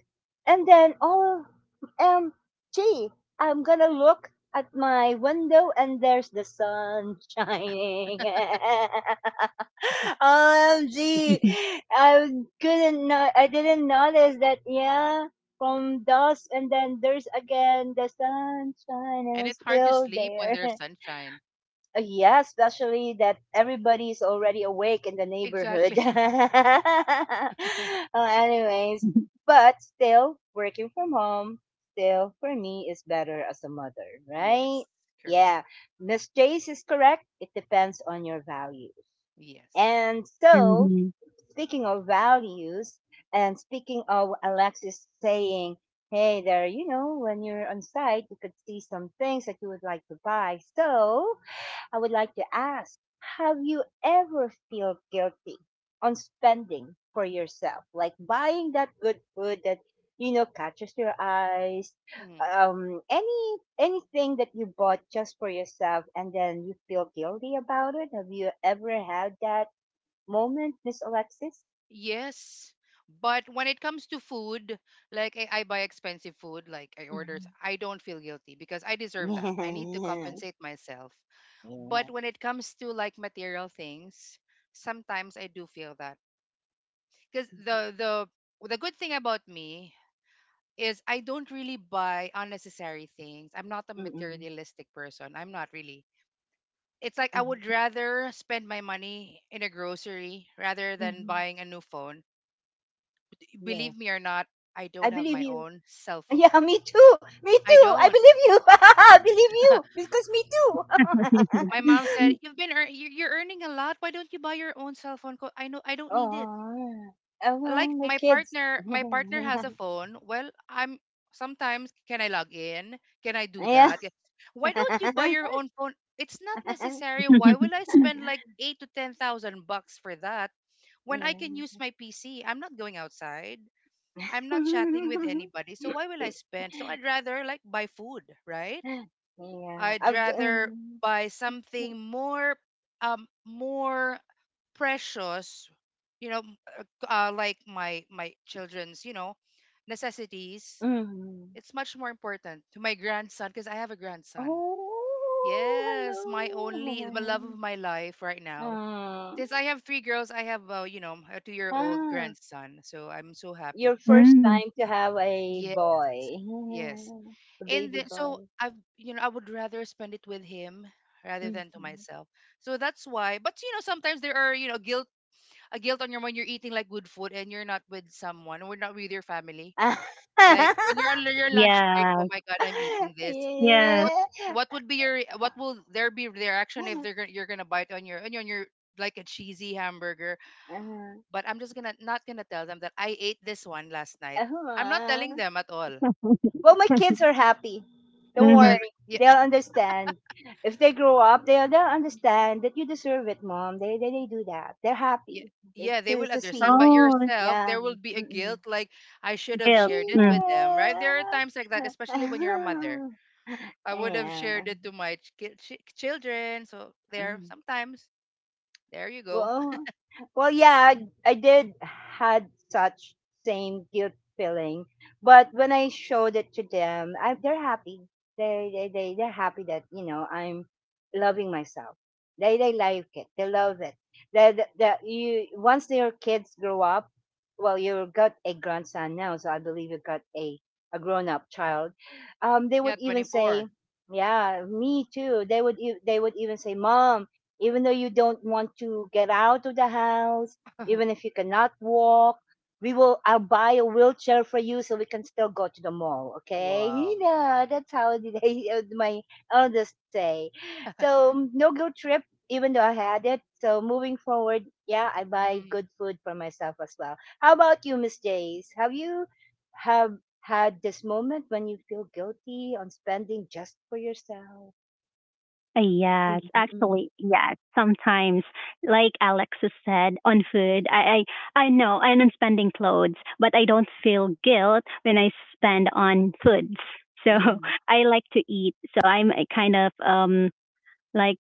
Speaker 1: and then oh um gee, I'm gonna look at my window and there's the sun shining. *laughs* O M G.
Speaker 3: *laughs*
Speaker 1: I couldn't no- I didn't notice that yeah. From dusk and then there's again the sunshine, sun shining still there. *laughs* Uh, yeah, especially that everybody is already awake in the neighborhood. *laughs* Well, anyways,
Speaker 3: Mhm.
Speaker 1: but still, working from home still for me is better as a mother, right? Yeah, Miss Jace is correct. It depends on your values. And so, speaking of values, and speaking of Alexis saying, hey, there, you know, when you're on site, you could see some things that you would like to buy. So, I would like to ask, have you ever feel guilty on spending for yourself? Like buying that good food that you know catches your eyes um any anything that you bought just for yourself and then you feel guilty about it, have you ever had that moment, miss alexis? Mhm. *laughs* Yeah. Yeah. Mhm. Mhm. Mhm. Mhm. Yes. I believe you. Yeah, me too. Me too. I believe you. *laughs* I believe you because me too. *laughs* Oh, oh, well, my kids. *laughs* Yeah. *laughs*
Speaker 3: *laughs*
Speaker 1: Yeah. *laughs* yeah. I've. D- Um, mm. Oh, hello. *laughs* Ah. Ah, your first
Speaker 3: Mm.
Speaker 1: time to have a boy, *laughs* a baby boy. Mhm. *laughs*
Speaker 3: Yes. Yes.
Speaker 1: Yeah. Uh, uh,
Speaker 3: *laughs*
Speaker 1: well, my kids are happy. Don't
Speaker 3: Mhm.
Speaker 1: worry. They'll understand. If they grow up, they'll, they'll understand that you deserve it, mom. They, they, they do that. They're happy to, to to see.
Speaker 3: Oh,
Speaker 1: Yeah. Mm-mm.
Speaker 3: guilt. Mm.
Speaker 1: Yeah. *laughs* Yeah. Mm. Well, well, yeah, I, I did had such same guilt feeling, but when I showed it to them, I, they're happy. They they they they're happy that you know I'm loving myself. They they like it. They love it. That that you once your kids grow up, well, you got a grandson now, so I believe you got a a grown up child. Um, they would even say, "Yeah, me too." They would e- they would even say, "Mom." Even though you don't want to get out of the house, even if you cannot walk, we will I'll buy a wheelchair for you so we can still go to the mall, okay? Yeah, that's how did I, *laughs* my eldest say. So mm, no guilt trip, even though I had it. So moving forward, yeah, I buy good food for myself as well. How about you, Miss Jace? Have you have had this moment when you feel guilty on spending just for yourself? Mm,
Speaker 3: Yes,
Speaker 1: mm, mm,
Speaker 3: actually, yes. Sometimes, like Alexis said, on food, I, I, I know, and on spending clothes, but I don't feel guilt when I spend on foods. So
Speaker 1: mm, mm,
Speaker 3: *laughs* I like to eat. So I'm a kind of um like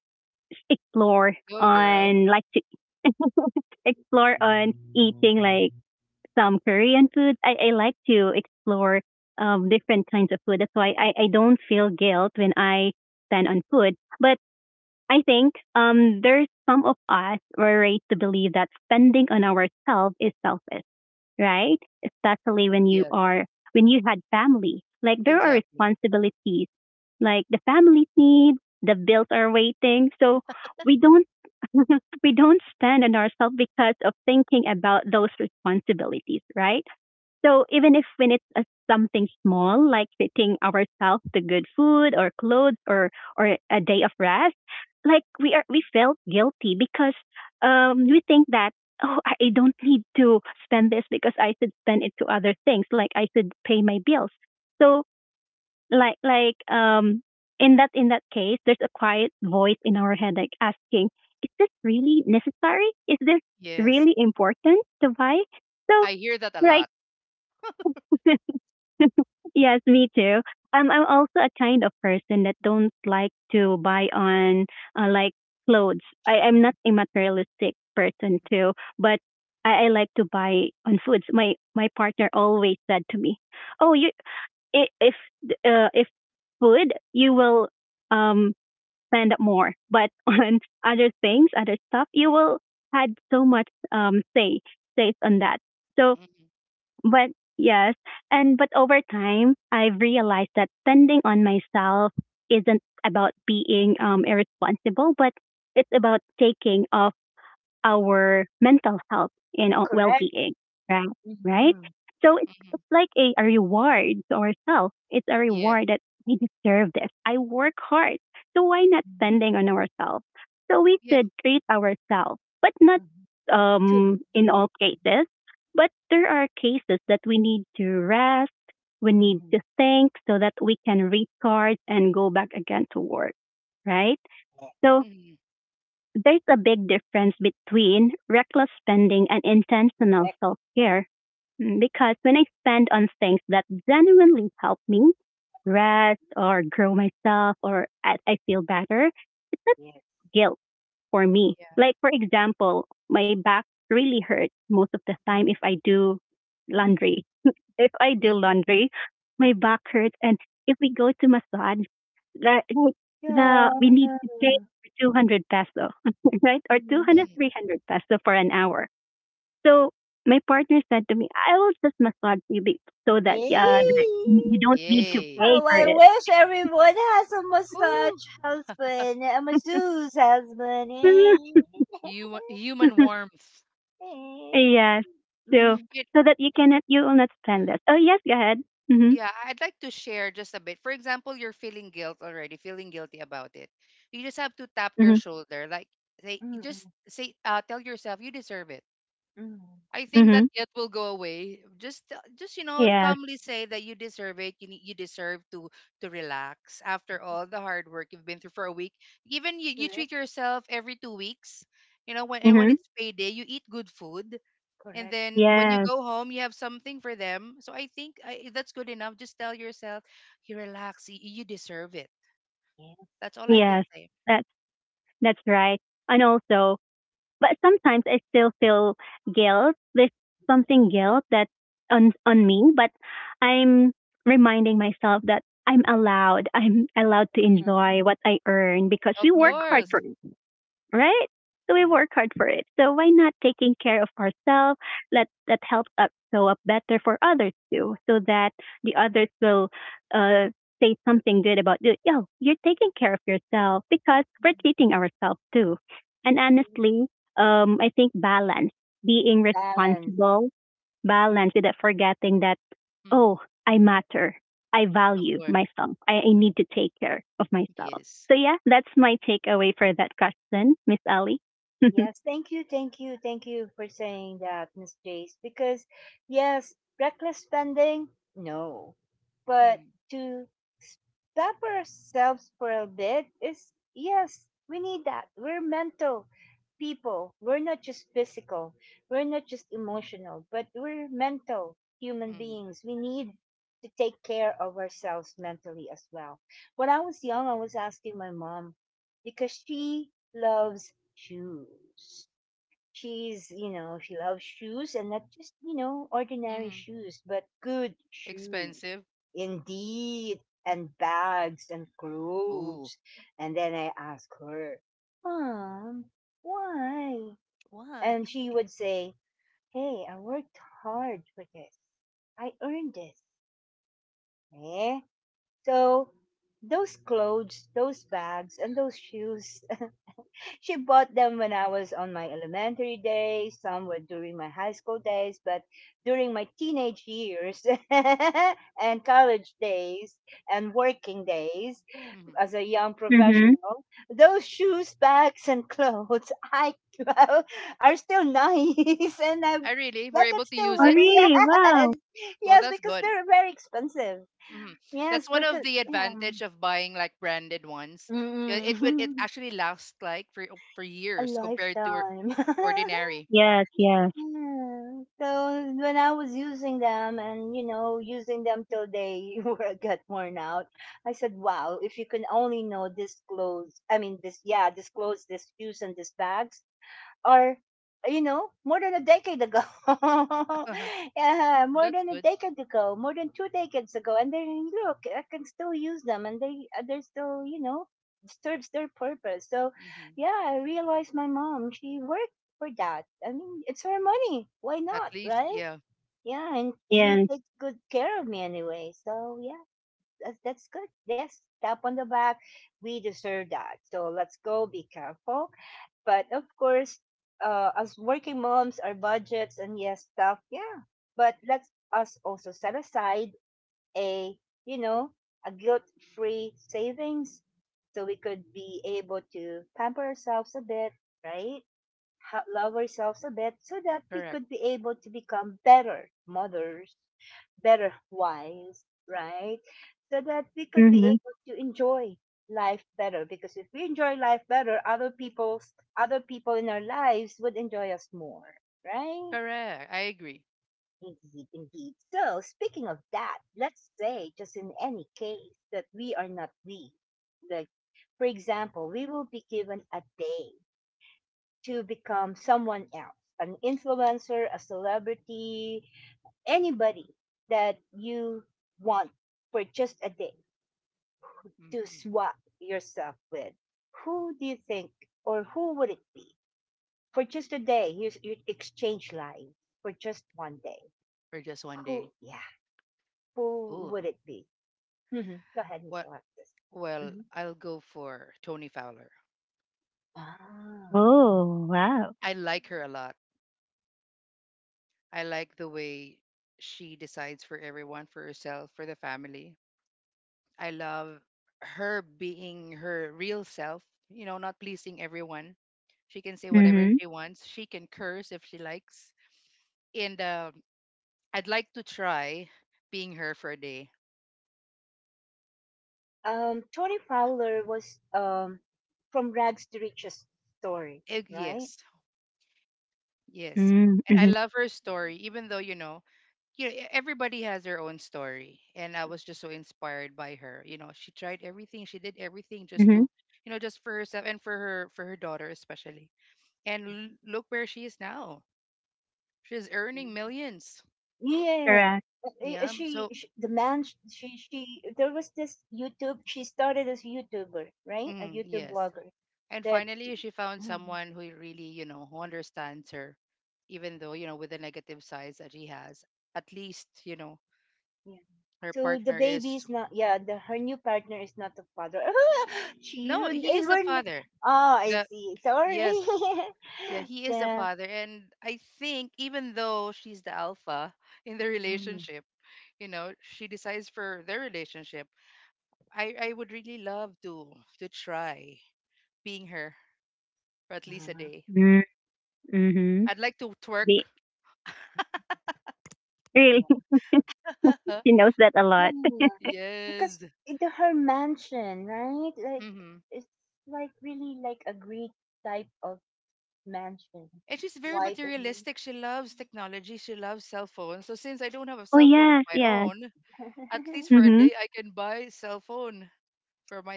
Speaker 3: explore on like to *laughs* explore on eating like some Korean food. I, I like to explore um different kinds of food. That's why I, I don't feel guilt when I spend on food. But I think um, there's some of us were raised to believe that spending on ourselves is selfish, right? Especially when you are when you had family. Like there are responsibilities, like the family's needs, the bills are waiting. So we don't *laughs* we don't spend on ourselves because of thinking about those responsibilities, right? So even if when it's a, something small, like treating ourselves to good food or clothes or or a day of rest, like we are we felt guilty because um we think that, oh, I I don't need to spend this because I should spend it to other things, like I should pay my bills. So like like um in that in that case, there's a quiet voice in our head like asking, is this really necessary? Is this really important? So why? So right. *laughs* *laughs* Yes, me too. Um, I'm also a kind of person that don't like to buy on uh, like clothes. I, I'm not
Speaker 1: mm.
Speaker 3: a materialistic person too, but I, I like to buy on foods. My my partner always said to me, "Oh, you i- if uh, if food, you will um spend more, but *laughs* on other things, other stuff, you will had so much um say says on that." So but yes, and but over time, I've realized that spending on myself isn't about being um, irresponsible, but it's about taking of our mental health and uh,
Speaker 1: Correct.
Speaker 3: well-being, right?
Speaker 1: Mm,
Speaker 3: Right.
Speaker 1: mm,
Speaker 3: So it's, it's like a, a reward to ourselves. It's a reward that we deserve this. I work hard, so why not spending on ourselves? So we should treat ourselves, but not
Speaker 1: mhm, too
Speaker 3: um,
Speaker 1: much.
Speaker 3: in all cases, but there are cases that we need to rest, we need
Speaker 1: Mhm,
Speaker 3: to think so that we can recharge and go back again to work, right? So there's a big difference between reckless spending and
Speaker 1: yeah,
Speaker 3: intentional
Speaker 1: correct.
Speaker 3: self care. Because when I spend on things that genuinely help me rest or grow myself or I, I feel better, it's not
Speaker 1: Yes.
Speaker 3: guilt for me. Like, for example, my back really hurts most of the time if I do laundry if I do
Speaker 1: Mhm.
Speaker 3: laundry,
Speaker 1: Yeah.
Speaker 3: my back hurts, and if we go to massage, the the
Speaker 1: Yeah.
Speaker 3: we need to pay two hundred peso, *laughs* right, or two
Speaker 1: Mhm.
Speaker 3: hundred three hundred peso for an hour. So my partner said to me, "I will just massage you be- so that, yeah, that
Speaker 1: Hey.
Speaker 3: you you don't need to pay
Speaker 1: Oh,
Speaker 3: for
Speaker 1: I
Speaker 3: it."
Speaker 1: wish everyone has a massage husband, a masseuse husband. Eh.
Speaker 3: *laughs*
Speaker 1: Mm,
Speaker 3: Yes. So
Speaker 1: mm,
Speaker 3: so that you cannot you will not spend that. Oh yes, go ahead. Mhm. Mhm.
Speaker 1: mm, mm.
Speaker 3: Mhm. Yes.
Speaker 1: Correct.
Speaker 3: Mhm.
Speaker 1: Correct.
Speaker 3: Yes.
Speaker 1: Yeah.
Speaker 3: Yes. That's that's right. And also, but sometimes I still feel guilt. There's something guilt that's on on me, but I'm reminding myself that I'm allowed. I'm allowed to
Speaker 1: Mhm,
Speaker 3: enjoy what I earn because we work hard for
Speaker 1: mhm.
Speaker 3: it, right? So we
Speaker 1: Yeah.
Speaker 3: work hard for it. So why not taking care of ourselves? Let that helps us show up better for others too, so that the others will uh, say something good about you. Yo, you're taking care of yourself because we're treating ourselves too. And honestly, um, I think balance, being
Speaker 1: Balance.
Speaker 3: responsible, balance without forgetting that, oh, I matter. I value myself. I, I need to take care of myself. So yeah, that's my takeaway for that question, Miss Ali.
Speaker 1: Yes,
Speaker 3: *laughs*
Speaker 1: thank you, thank you, thank you for saying that, Miss Jace. Because, yes, reckless spending, no. But to stop ourselves for a bit is, yes, we need that. We're mental people. We're not just physical. We're not just emotional, but we're mental human beings. We need to take care of ourselves mentally as well. When I was young, I was asking my mom because she loves shoes. She's, you know, she loves shoes and not just, you know, ordinary shoes, but good shoes. Indeed. And bags and clothes. And then I ask her, Mom, why? And she would say, hey, I worked hard for this. I earned this. Eh? So those clothes, those bags, and those shoes she bought them when I was on my elementary days. Some were during my high school days, but during my teenage years *laughs* and college days and working days as a young
Speaker 3: Mm-hmm.
Speaker 1: professional, those shoes, bags, and clothes I *laughs* are still nice, *laughs* and I I can still
Speaker 3: Oh,
Speaker 1: wo- *laughs*
Speaker 3: really?
Speaker 1: yes,
Speaker 3: Wow.
Speaker 1: yes, because they're very expensive. Yes, because yeah, mm, *laughs* a lifetime. *laughs*
Speaker 3: Yes, yes,
Speaker 1: Yeah. So when I was using them and you know using them till they *laughs* were got worn out, I said, "Wow! If you can only know this clothes, I mean this, yeah, this clothes, this shoes, and this bags, or you know more than a decade ago *laughs* yeah, more than a decade ago more than two decades ago. And then look, I can still use them, and they uh, they're still you know serves their purpose. So yeah, I realized my mom, she worked for that. I mean, it's her money, why not, right? Yeah, and she
Speaker 3: yes.
Speaker 1: takes good care of me anyway, so yeah, that's, that's good. Yes, tap on the back, we deserve that, so let's go be careful. But of course, uh, as working moms, our budgets and yes, stuff, yeah. But let us also set aside a, you know, a guilt-free savings so we could be able to pamper ourselves a bit, right? Ha- love ourselves a bit so that we could be able to become better mothers, better wives, right? So that we could be
Speaker 3: Mm-hmm.
Speaker 1: able to enjoy life better, because if we enjoy life better, other people's other people in our lives would enjoy us more, right? Indeed, indeed. So, speaking of that, let's say just in any case that we are not we. Like, for example, we will be given a day to become someone else, an influencer, a celebrity, anybody that you want, for just a day to swap yourself with. Who do you think, or who would it be? For just a day, you, you exchange lives for just one day. Who, yeah, who would it be? hmm Go ahead, Miss Alexis. hmm Ah.
Speaker 3: Oh, wow. Mm-hmm.
Speaker 1: Um, Tony Fowler was um, from rags to riches story, right?
Speaker 3: Mm-hmm. Mm-hmm.
Speaker 1: Mm-hmm. Yeah.
Speaker 3: Correct.
Speaker 1: Uh, uh, She, she the man sh- she she there was this YouTube, she started as a YouTuber, right? A YouTube blogger that Mhm, yeah. So the baby is not yeah, the her new partner is not the father. *laughs* she you it were n- Oh, I see. Sorry. *laughs* the mm, uh,
Speaker 3: Mm-hmm. Be-
Speaker 1: yeah.
Speaker 3: really, *laughs* she knows that a
Speaker 1: Yeah,
Speaker 3: lot.
Speaker 1: yeah,
Speaker 3: *laughs*
Speaker 1: yeah. Because it- the her mansion, right? Like it's like really like a Greek type of mansion, white and blue.
Speaker 3: Oh, yes, yes.
Speaker 1: *laughs*
Speaker 3: Mm-hmm.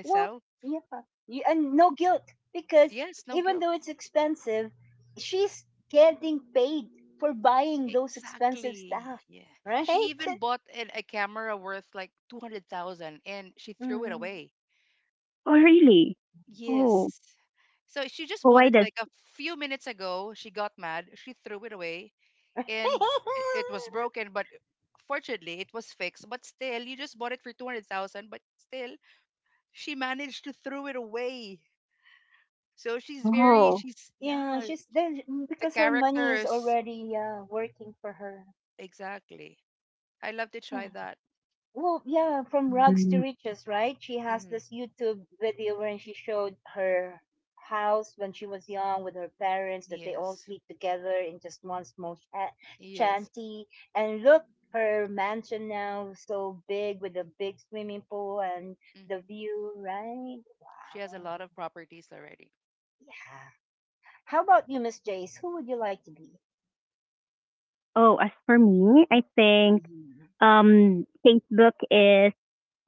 Speaker 1: Well, yeah, you, and no guilt because even though it's expensive, she's getting paid for buying those expensive stuff, right? *laughs* Mm.
Speaker 3: Oh, really? Oh, oh why does?
Speaker 1: *laughs*
Speaker 3: Oh.
Speaker 1: Yeah, she's there because her money is already uh, working for her. Well, yeah, from rags to
Speaker 3: Mm.
Speaker 1: riches, right? She has this YouTube video where she showed her house when she was young with her parents, that they all sleep together in just one small sha- shanty. And look, her mansion now, so big with a big swimming pool and the view, right? Wow. Yeah. How about you, Miss Jace? Who would you like to be?
Speaker 3: Oh, as for me, I think
Speaker 1: Mhm.
Speaker 3: um, Facebook is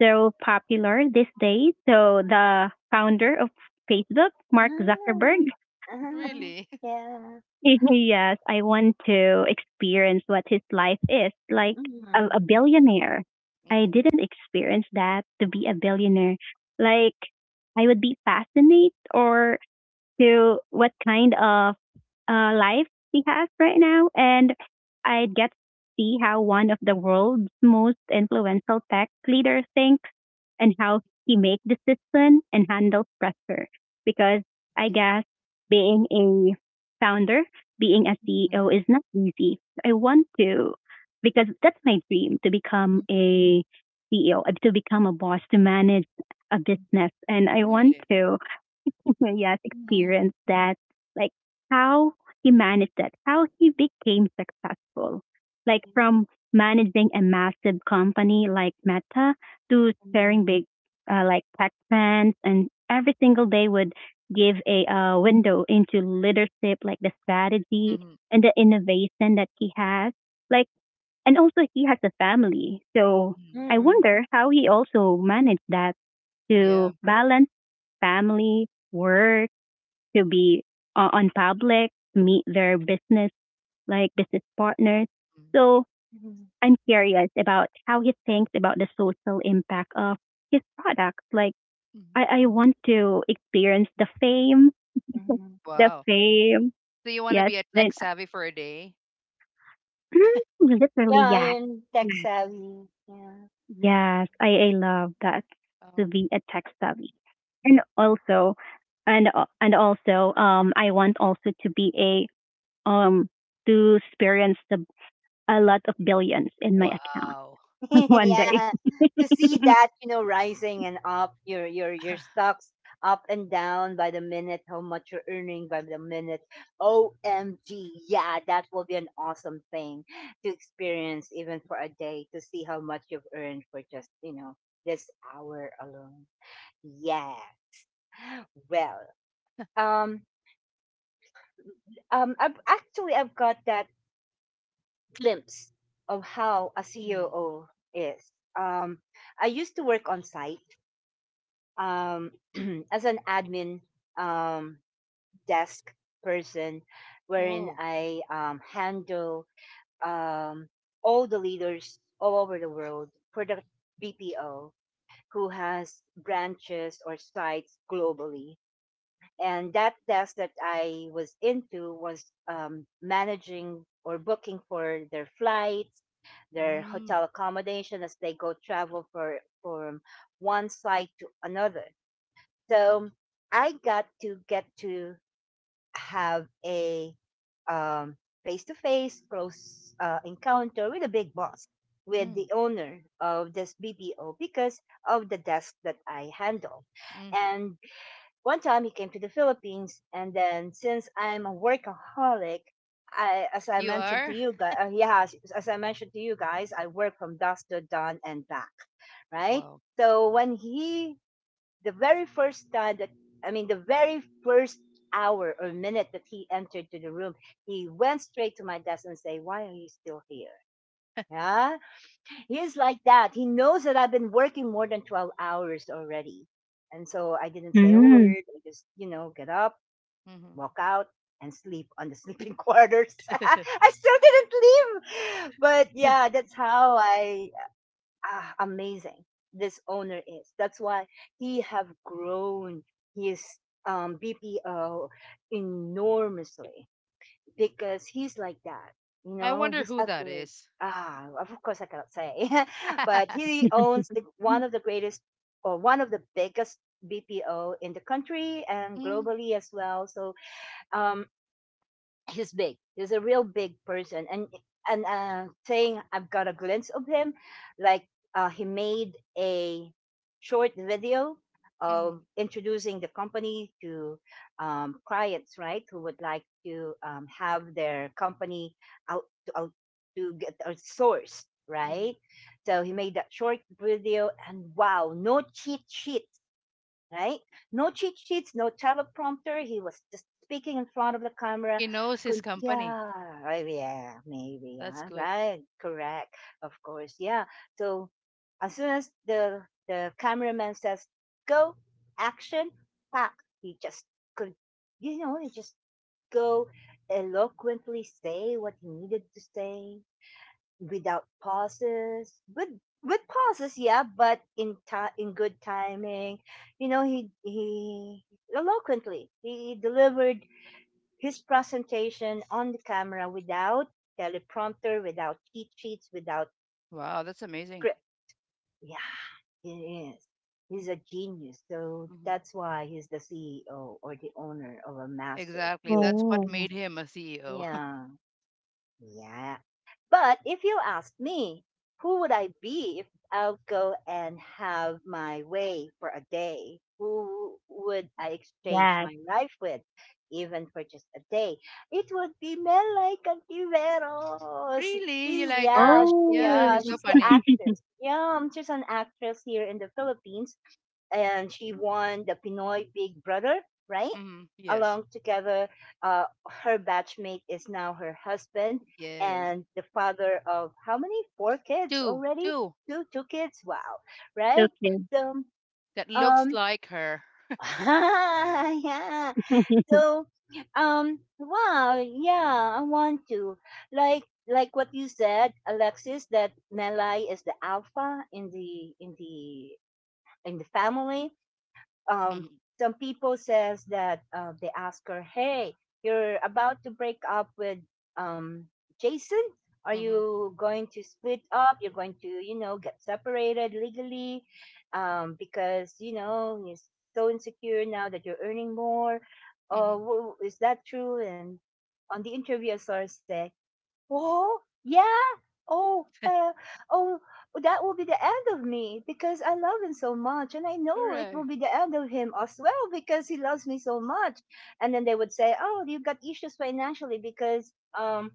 Speaker 3: so popular these days. So the founder of Facebook, Mark
Speaker 1: Ah,
Speaker 3: Zuckerberg,
Speaker 1: ah, yeah.
Speaker 3: *laughs* yes, I want to experience what his life is like a, a billionaire. I didn't experience that to be a billionaire. Like I would be fascinated or to what kind of uh, life she has right now, and I get to see how one of the world's most influential tech leaders thinks and how he makes decisions and handles pressure. Because I guess being a founder, being a
Speaker 1: Mhm.
Speaker 3: C E O is not easy. I want to, because that's my dream to become a C E O, to become a boss, to manage a business, and I want to Maria's
Speaker 1: Yeah,
Speaker 3: experience that, like, how he managed that, how he became successful, like
Speaker 1: yeah,
Speaker 3: from managing a massive company like Meta to sharing
Speaker 1: mhm,
Speaker 3: big, uh, like tech events, and every single day would give a uh, window into leadership, like the strategy and the innovation that he has, like, and also he has a family, so I
Speaker 1: mm,
Speaker 3: wonder how he also managed that to balance family, work, to be uh, on public, meet their business like business partners. So
Speaker 1: mhm,
Speaker 3: I'm curious about how he thinks about the social impact of his product. Like I, I want to experience the fame,
Speaker 1: mhm.
Speaker 3: the fame. Yes, then *clears throat* literally
Speaker 1: Yeah,
Speaker 3: yes.
Speaker 1: and tech
Speaker 3: Yes,
Speaker 1: savvy. Yeah.
Speaker 3: yes, I, I love that to be a tech savvy. And also and al- and also um I want also to be a um to experience the a lot of billions in my account
Speaker 1: *laughs*
Speaker 3: *laughs* one day.
Speaker 1: Yeah. To see
Speaker 3: *laughs*
Speaker 1: that, you know, rising and up, your your your stocks up and down by the minute, how much you're earning by the minute. O M G. Yeah, that will be an awesome thing to experience, even for a day, to see how much you've earned for just, you know, this hour alone. Yeah. Well, um um I've actually I've got that glimpse of how a C O O is. Um, I used to work on site, um, *clears throat* as an admin, um, desk person, wherein I um, handle, um, all the leaders all over the world for the B P O, who has branches or sites globally. And that desk that I was into was, um, managing or booking for their flights, their hotel accommodation as they go travel for from one side to another. So I got to get to have a, um, face-to-face close uh, encounter with a big boss, with the owner of this B P O, because of the desk that I handle. And one time he came to the Philippines, and then since I'm a workaholic, I, as I mentioned to you guys, uh, yeah, as, as I mentioned to you guys, I work from dusk to dawn and back, right? So when he, the very first time that, I mean, the very first hour or minute that he entered to the room, he went straight to my desk and say, "Why are you still here?" Yeah, he's like that. He knows that I've been working more than twelve hours already, and so I didn't say a
Speaker 3: Mm.
Speaker 1: word. I just, you know, get up, walk out, and sleep on the sleeping *laughs* quarters. *laughs* I still didn't leave. But yeah, that's how I ah, amazing this owner is. That's why he have grown his, um, B P O enormously, because he's like that. You know, he's a great. Ah, of course I cannot say, *laughs* but he owns the, one of the greatest or one of the biggest B P O in the country and globally as well. So, um, he's big. He's a real big person. And and uh, saying I've got a glimpse of him, like, uh, he made a short video of introducing the company to, um, clients, right, who would like to, um, have their company out to, out to get, uh, sourced, right? So he made that short video, and wow, no cheat sheet, right? No cheat sheets, no teleprompter. He was just speaking in front of the camera. Could, yeah, right, yeah, maybe, yeah, right, correct, of course, yeah. So as soon as the the cameraman says go, action, pack, he just could, you know, he just go eloquently say what he needed to say, without pauses with with pauses, yeah, but in time in good timing, you know, he he eloquently, he delivered his presentation on the camera without teleprompter, without cheat sheets, without script. Yeah, he is he's a genius. So that's why he's the C E O or the owner of a massive big,
Speaker 3: Oh,
Speaker 1: yeah, yeah. But if you asked me, who would I be if I'll go and have my way for a day? Who would I exchange
Speaker 3: yes.
Speaker 1: my life with, even for just a day? It would be Melay Cantiveros. She's yeah, she,
Speaker 3: Oh,
Speaker 1: yeah, she's the
Speaker 3: *laughs*
Speaker 1: actress. Yeah, um, she's an actress here in the Philippines, and she won the Pinoy Big Brother, right? Along together. Uh, her batchmate is now her husband and the father of how many? Four kids already? Two, two kids. Wow, right?
Speaker 3: okay.
Speaker 1: So, um, *laughs* yeah.
Speaker 3: *laughs*
Speaker 1: So, um, wow, yeah. I want to, like like what you said, Alexis, that Melai is the alpha in the in the in the family. um, some people says that, uh, they ask her, "Hey, you're about to break up with, um, Jason. Are you going to split up? You're going to, you know, get separated legally, um, because you know you're so insecure now that you're earning more. Uh, w- is that true?" And on the interview, I saw her say, "Oh, yeah. Oh, uh, oh, that will be the end of me because I love him so much. And I know it will be the end of him as well because he loves me so much." And then they would say, "Oh, you've got issues financially because, um,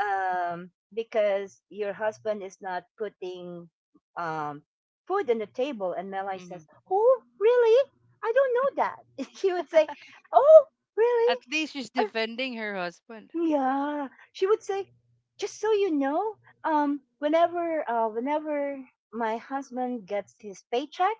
Speaker 1: um, because your husband is not putting, um, food on the table." And Melai says, "Oh, really? I don't know that." *laughs* She would say, "Oh, really?" Yeah, she would say, "Just so you know, um, whenever, uh, whenever my husband gets his paycheck,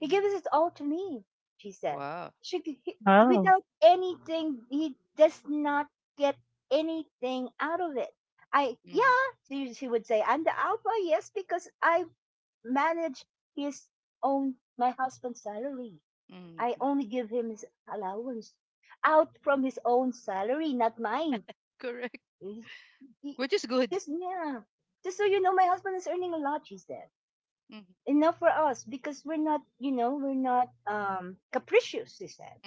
Speaker 1: he gives it all to me." She said, "She He,
Speaker 3: oh,
Speaker 1: without anything, he does not get anything out of it." I yeah, she, she would say, "I'm the alpha, yes, because I manage his own my husband's salary. I only give him his allowance out from his own salary, not mine." Y- Yes, yeah. Just so you know, my husband is earning a lot, she said. Enough for us because we're not, you know, we're not, um capricious, she said.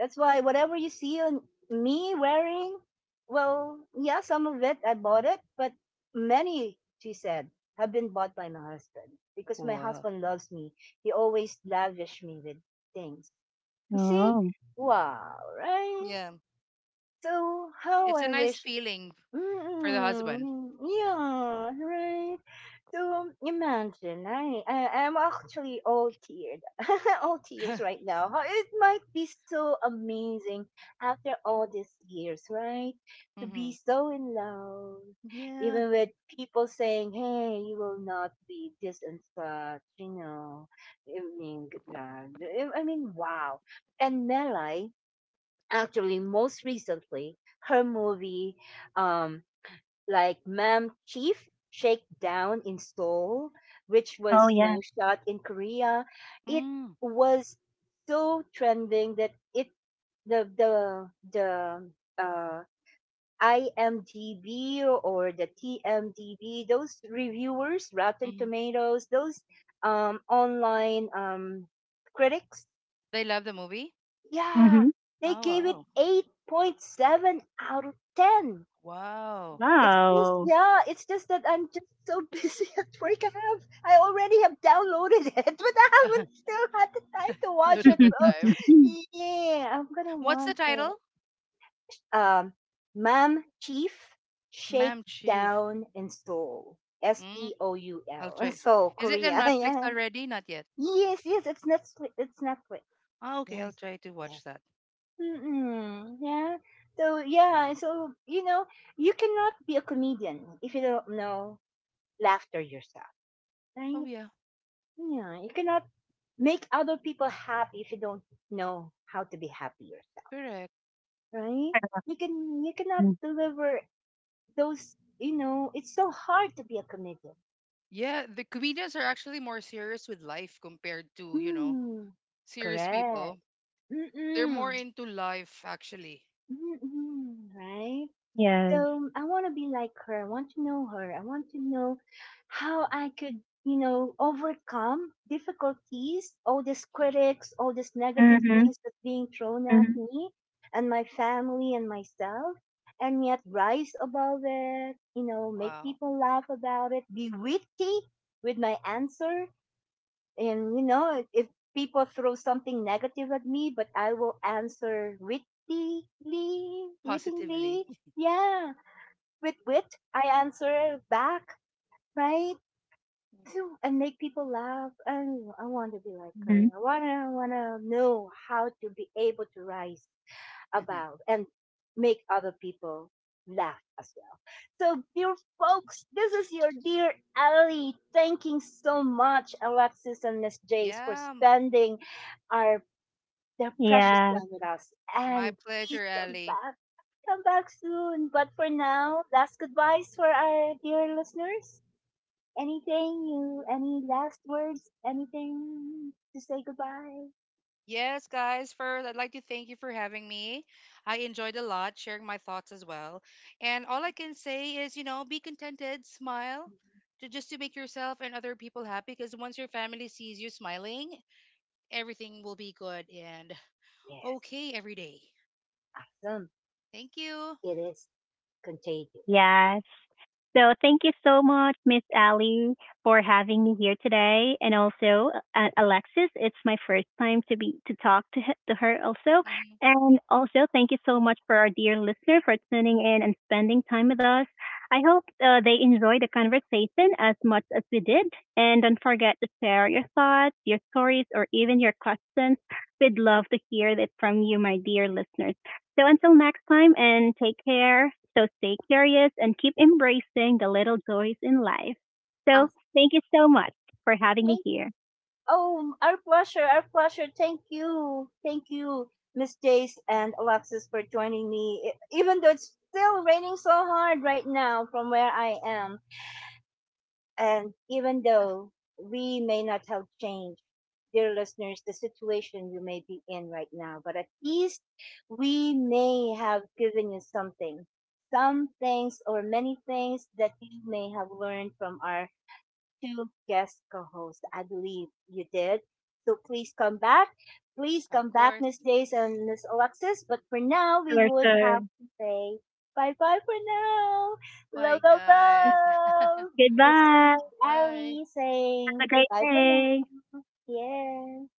Speaker 1: That's why whatever you see on me wearing, well, yeah, some of it I bought it, but many, she said, have been bought by my husband, because my husband loves me. He always lavish me with things. You see?
Speaker 3: oh,
Speaker 1: Wow, right? So how I wish. Mm, yeah, right. So imagine, I, I I'm actually all teared, *laughs* all tears right now. How it might be so amazing after all these years, right? To be so in love, even with people saying, "Hey, you will not be this and such," you know. I mean, g- uh, I I mean, wow. And Melai, actually, most recently, her movie, um, like Ma'am Chief Shakedown in Seoul, which
Speaker 3: Oh,
Speaker 1: was, you
Speaker 3: yeah.
Speaker 1: know, shot in Korea. It was so trending that it the the the uh I M D b or the T M D b, those reviewers, Rotten Tomatoes, those, um, online, um, critics, yeah,
Speaker 3: Mm-hmm.
Speaker 1: they gave it eight point seven out of ten. It's just,
Speaker 3: Wow.
Speaker 1: yeah, it's just that I'm just so *laughs* busy at work. I have I already have downloaded it, *laughs* but I haven't still had the time to watch it. So yeah, I'm gonna watch it. Um, Ma'am Chief Shakedown in Seoul. S E O U L. *laughs* Seoul, Korea. *laughs* Yeah. Yes, yes, it's Netflix it's Netflix. Yes, yes. Mm-mm, yeah. So yeah, so you know, you cannot be a comedian if you don't know laughter yourself. Right? Yeah, you cannot make other people happy if you don't know how to be happy yourself. Right? You can you cannot
Speaker 3: *laughs*
Speaker 1: deliver those. You know, it's so hard to be a comedian. Mm, correct. Mm-mm. Mm-mm. Right?
Speaker 3: Yes.
Speaker 1: So I want to be like her. I want to know her. I want to know how I could, you know, overcome difficulties, all these critics, all these negative
Speaker 3: Mm-hmm.
Speaker 1: things that's being thrown at
Speaker 3: Mm-hmm.
Speaker 1: me and my family and myself, and yet rise above it, you know, make people laugh about it, be witty with my answer. And, you know, if people throw something negative at me, but I will answer witty. Wittingly, wittingly. Yeah, with wit. I answer back, right? So- And make people laugh. And I want to be like her.
Speaker 3: Hmm.
Speaker 1: I wanna wanna know how to be able to rise above and make other people laugh as well. So, dear folks, this is your dear Ali. Thanking so much, Alexis and Miss Jace, for spending our their precious
Speaker 3: Yeah.
Speaker 1: time with us. And please come back, come back soon. But for now, last goodbyes for our dear listeners. Anything you, any last words, anything to say goodbye? Yes, awesome. It is contagious.
Speaker 3: Yes. So thank you so much, Miss Ali, for having me here today, and also uh, Alexis. It's my first time to be to talk to he- to her also, and also thank you so much for our dear listener for tuning in and spending time with us. I hope uh, they enjoyed the conversation as much as we did, and don't forget to share your thoughts, your stories, or even your questions. We'd love to hear that from you, my dear listeners. So until next time, and take care. So stay curious and keep embracing the little joys in life.
Speaker 1: Ang
Speaker 3: So thank you so much for having me
Speaker 1: Thank-
Speaker 3: here.
Speaker 1: Oh, our pleasure, our pleasure. Thank you, thank you, Miss Jace and Alexis for joining me. E- Even though it's still raining so hard right now from where I am, and even though we may not have changed, dear listeners, the situation you may be in right now, but at least we may have given you something, some things or many things that you may have learned from our two guest co-hosts. I believe you did. So please come back. Please come back, Miss Days and Miss Alexis. But for now, we
Speaker 3: Sure,
Speaker 1: would
Speaker 3: sure.
Speaker 1: have to say bye-bye for now. Love, love, love. This is
Speaker 3: Goodbye.
Speaker 1: Ali
Speaker 3: Have a
Speaker 1: saying
Speaker 3: great
Speaker 1: bye for now.
Speaker 3: day.
Speaker 1: Yeah.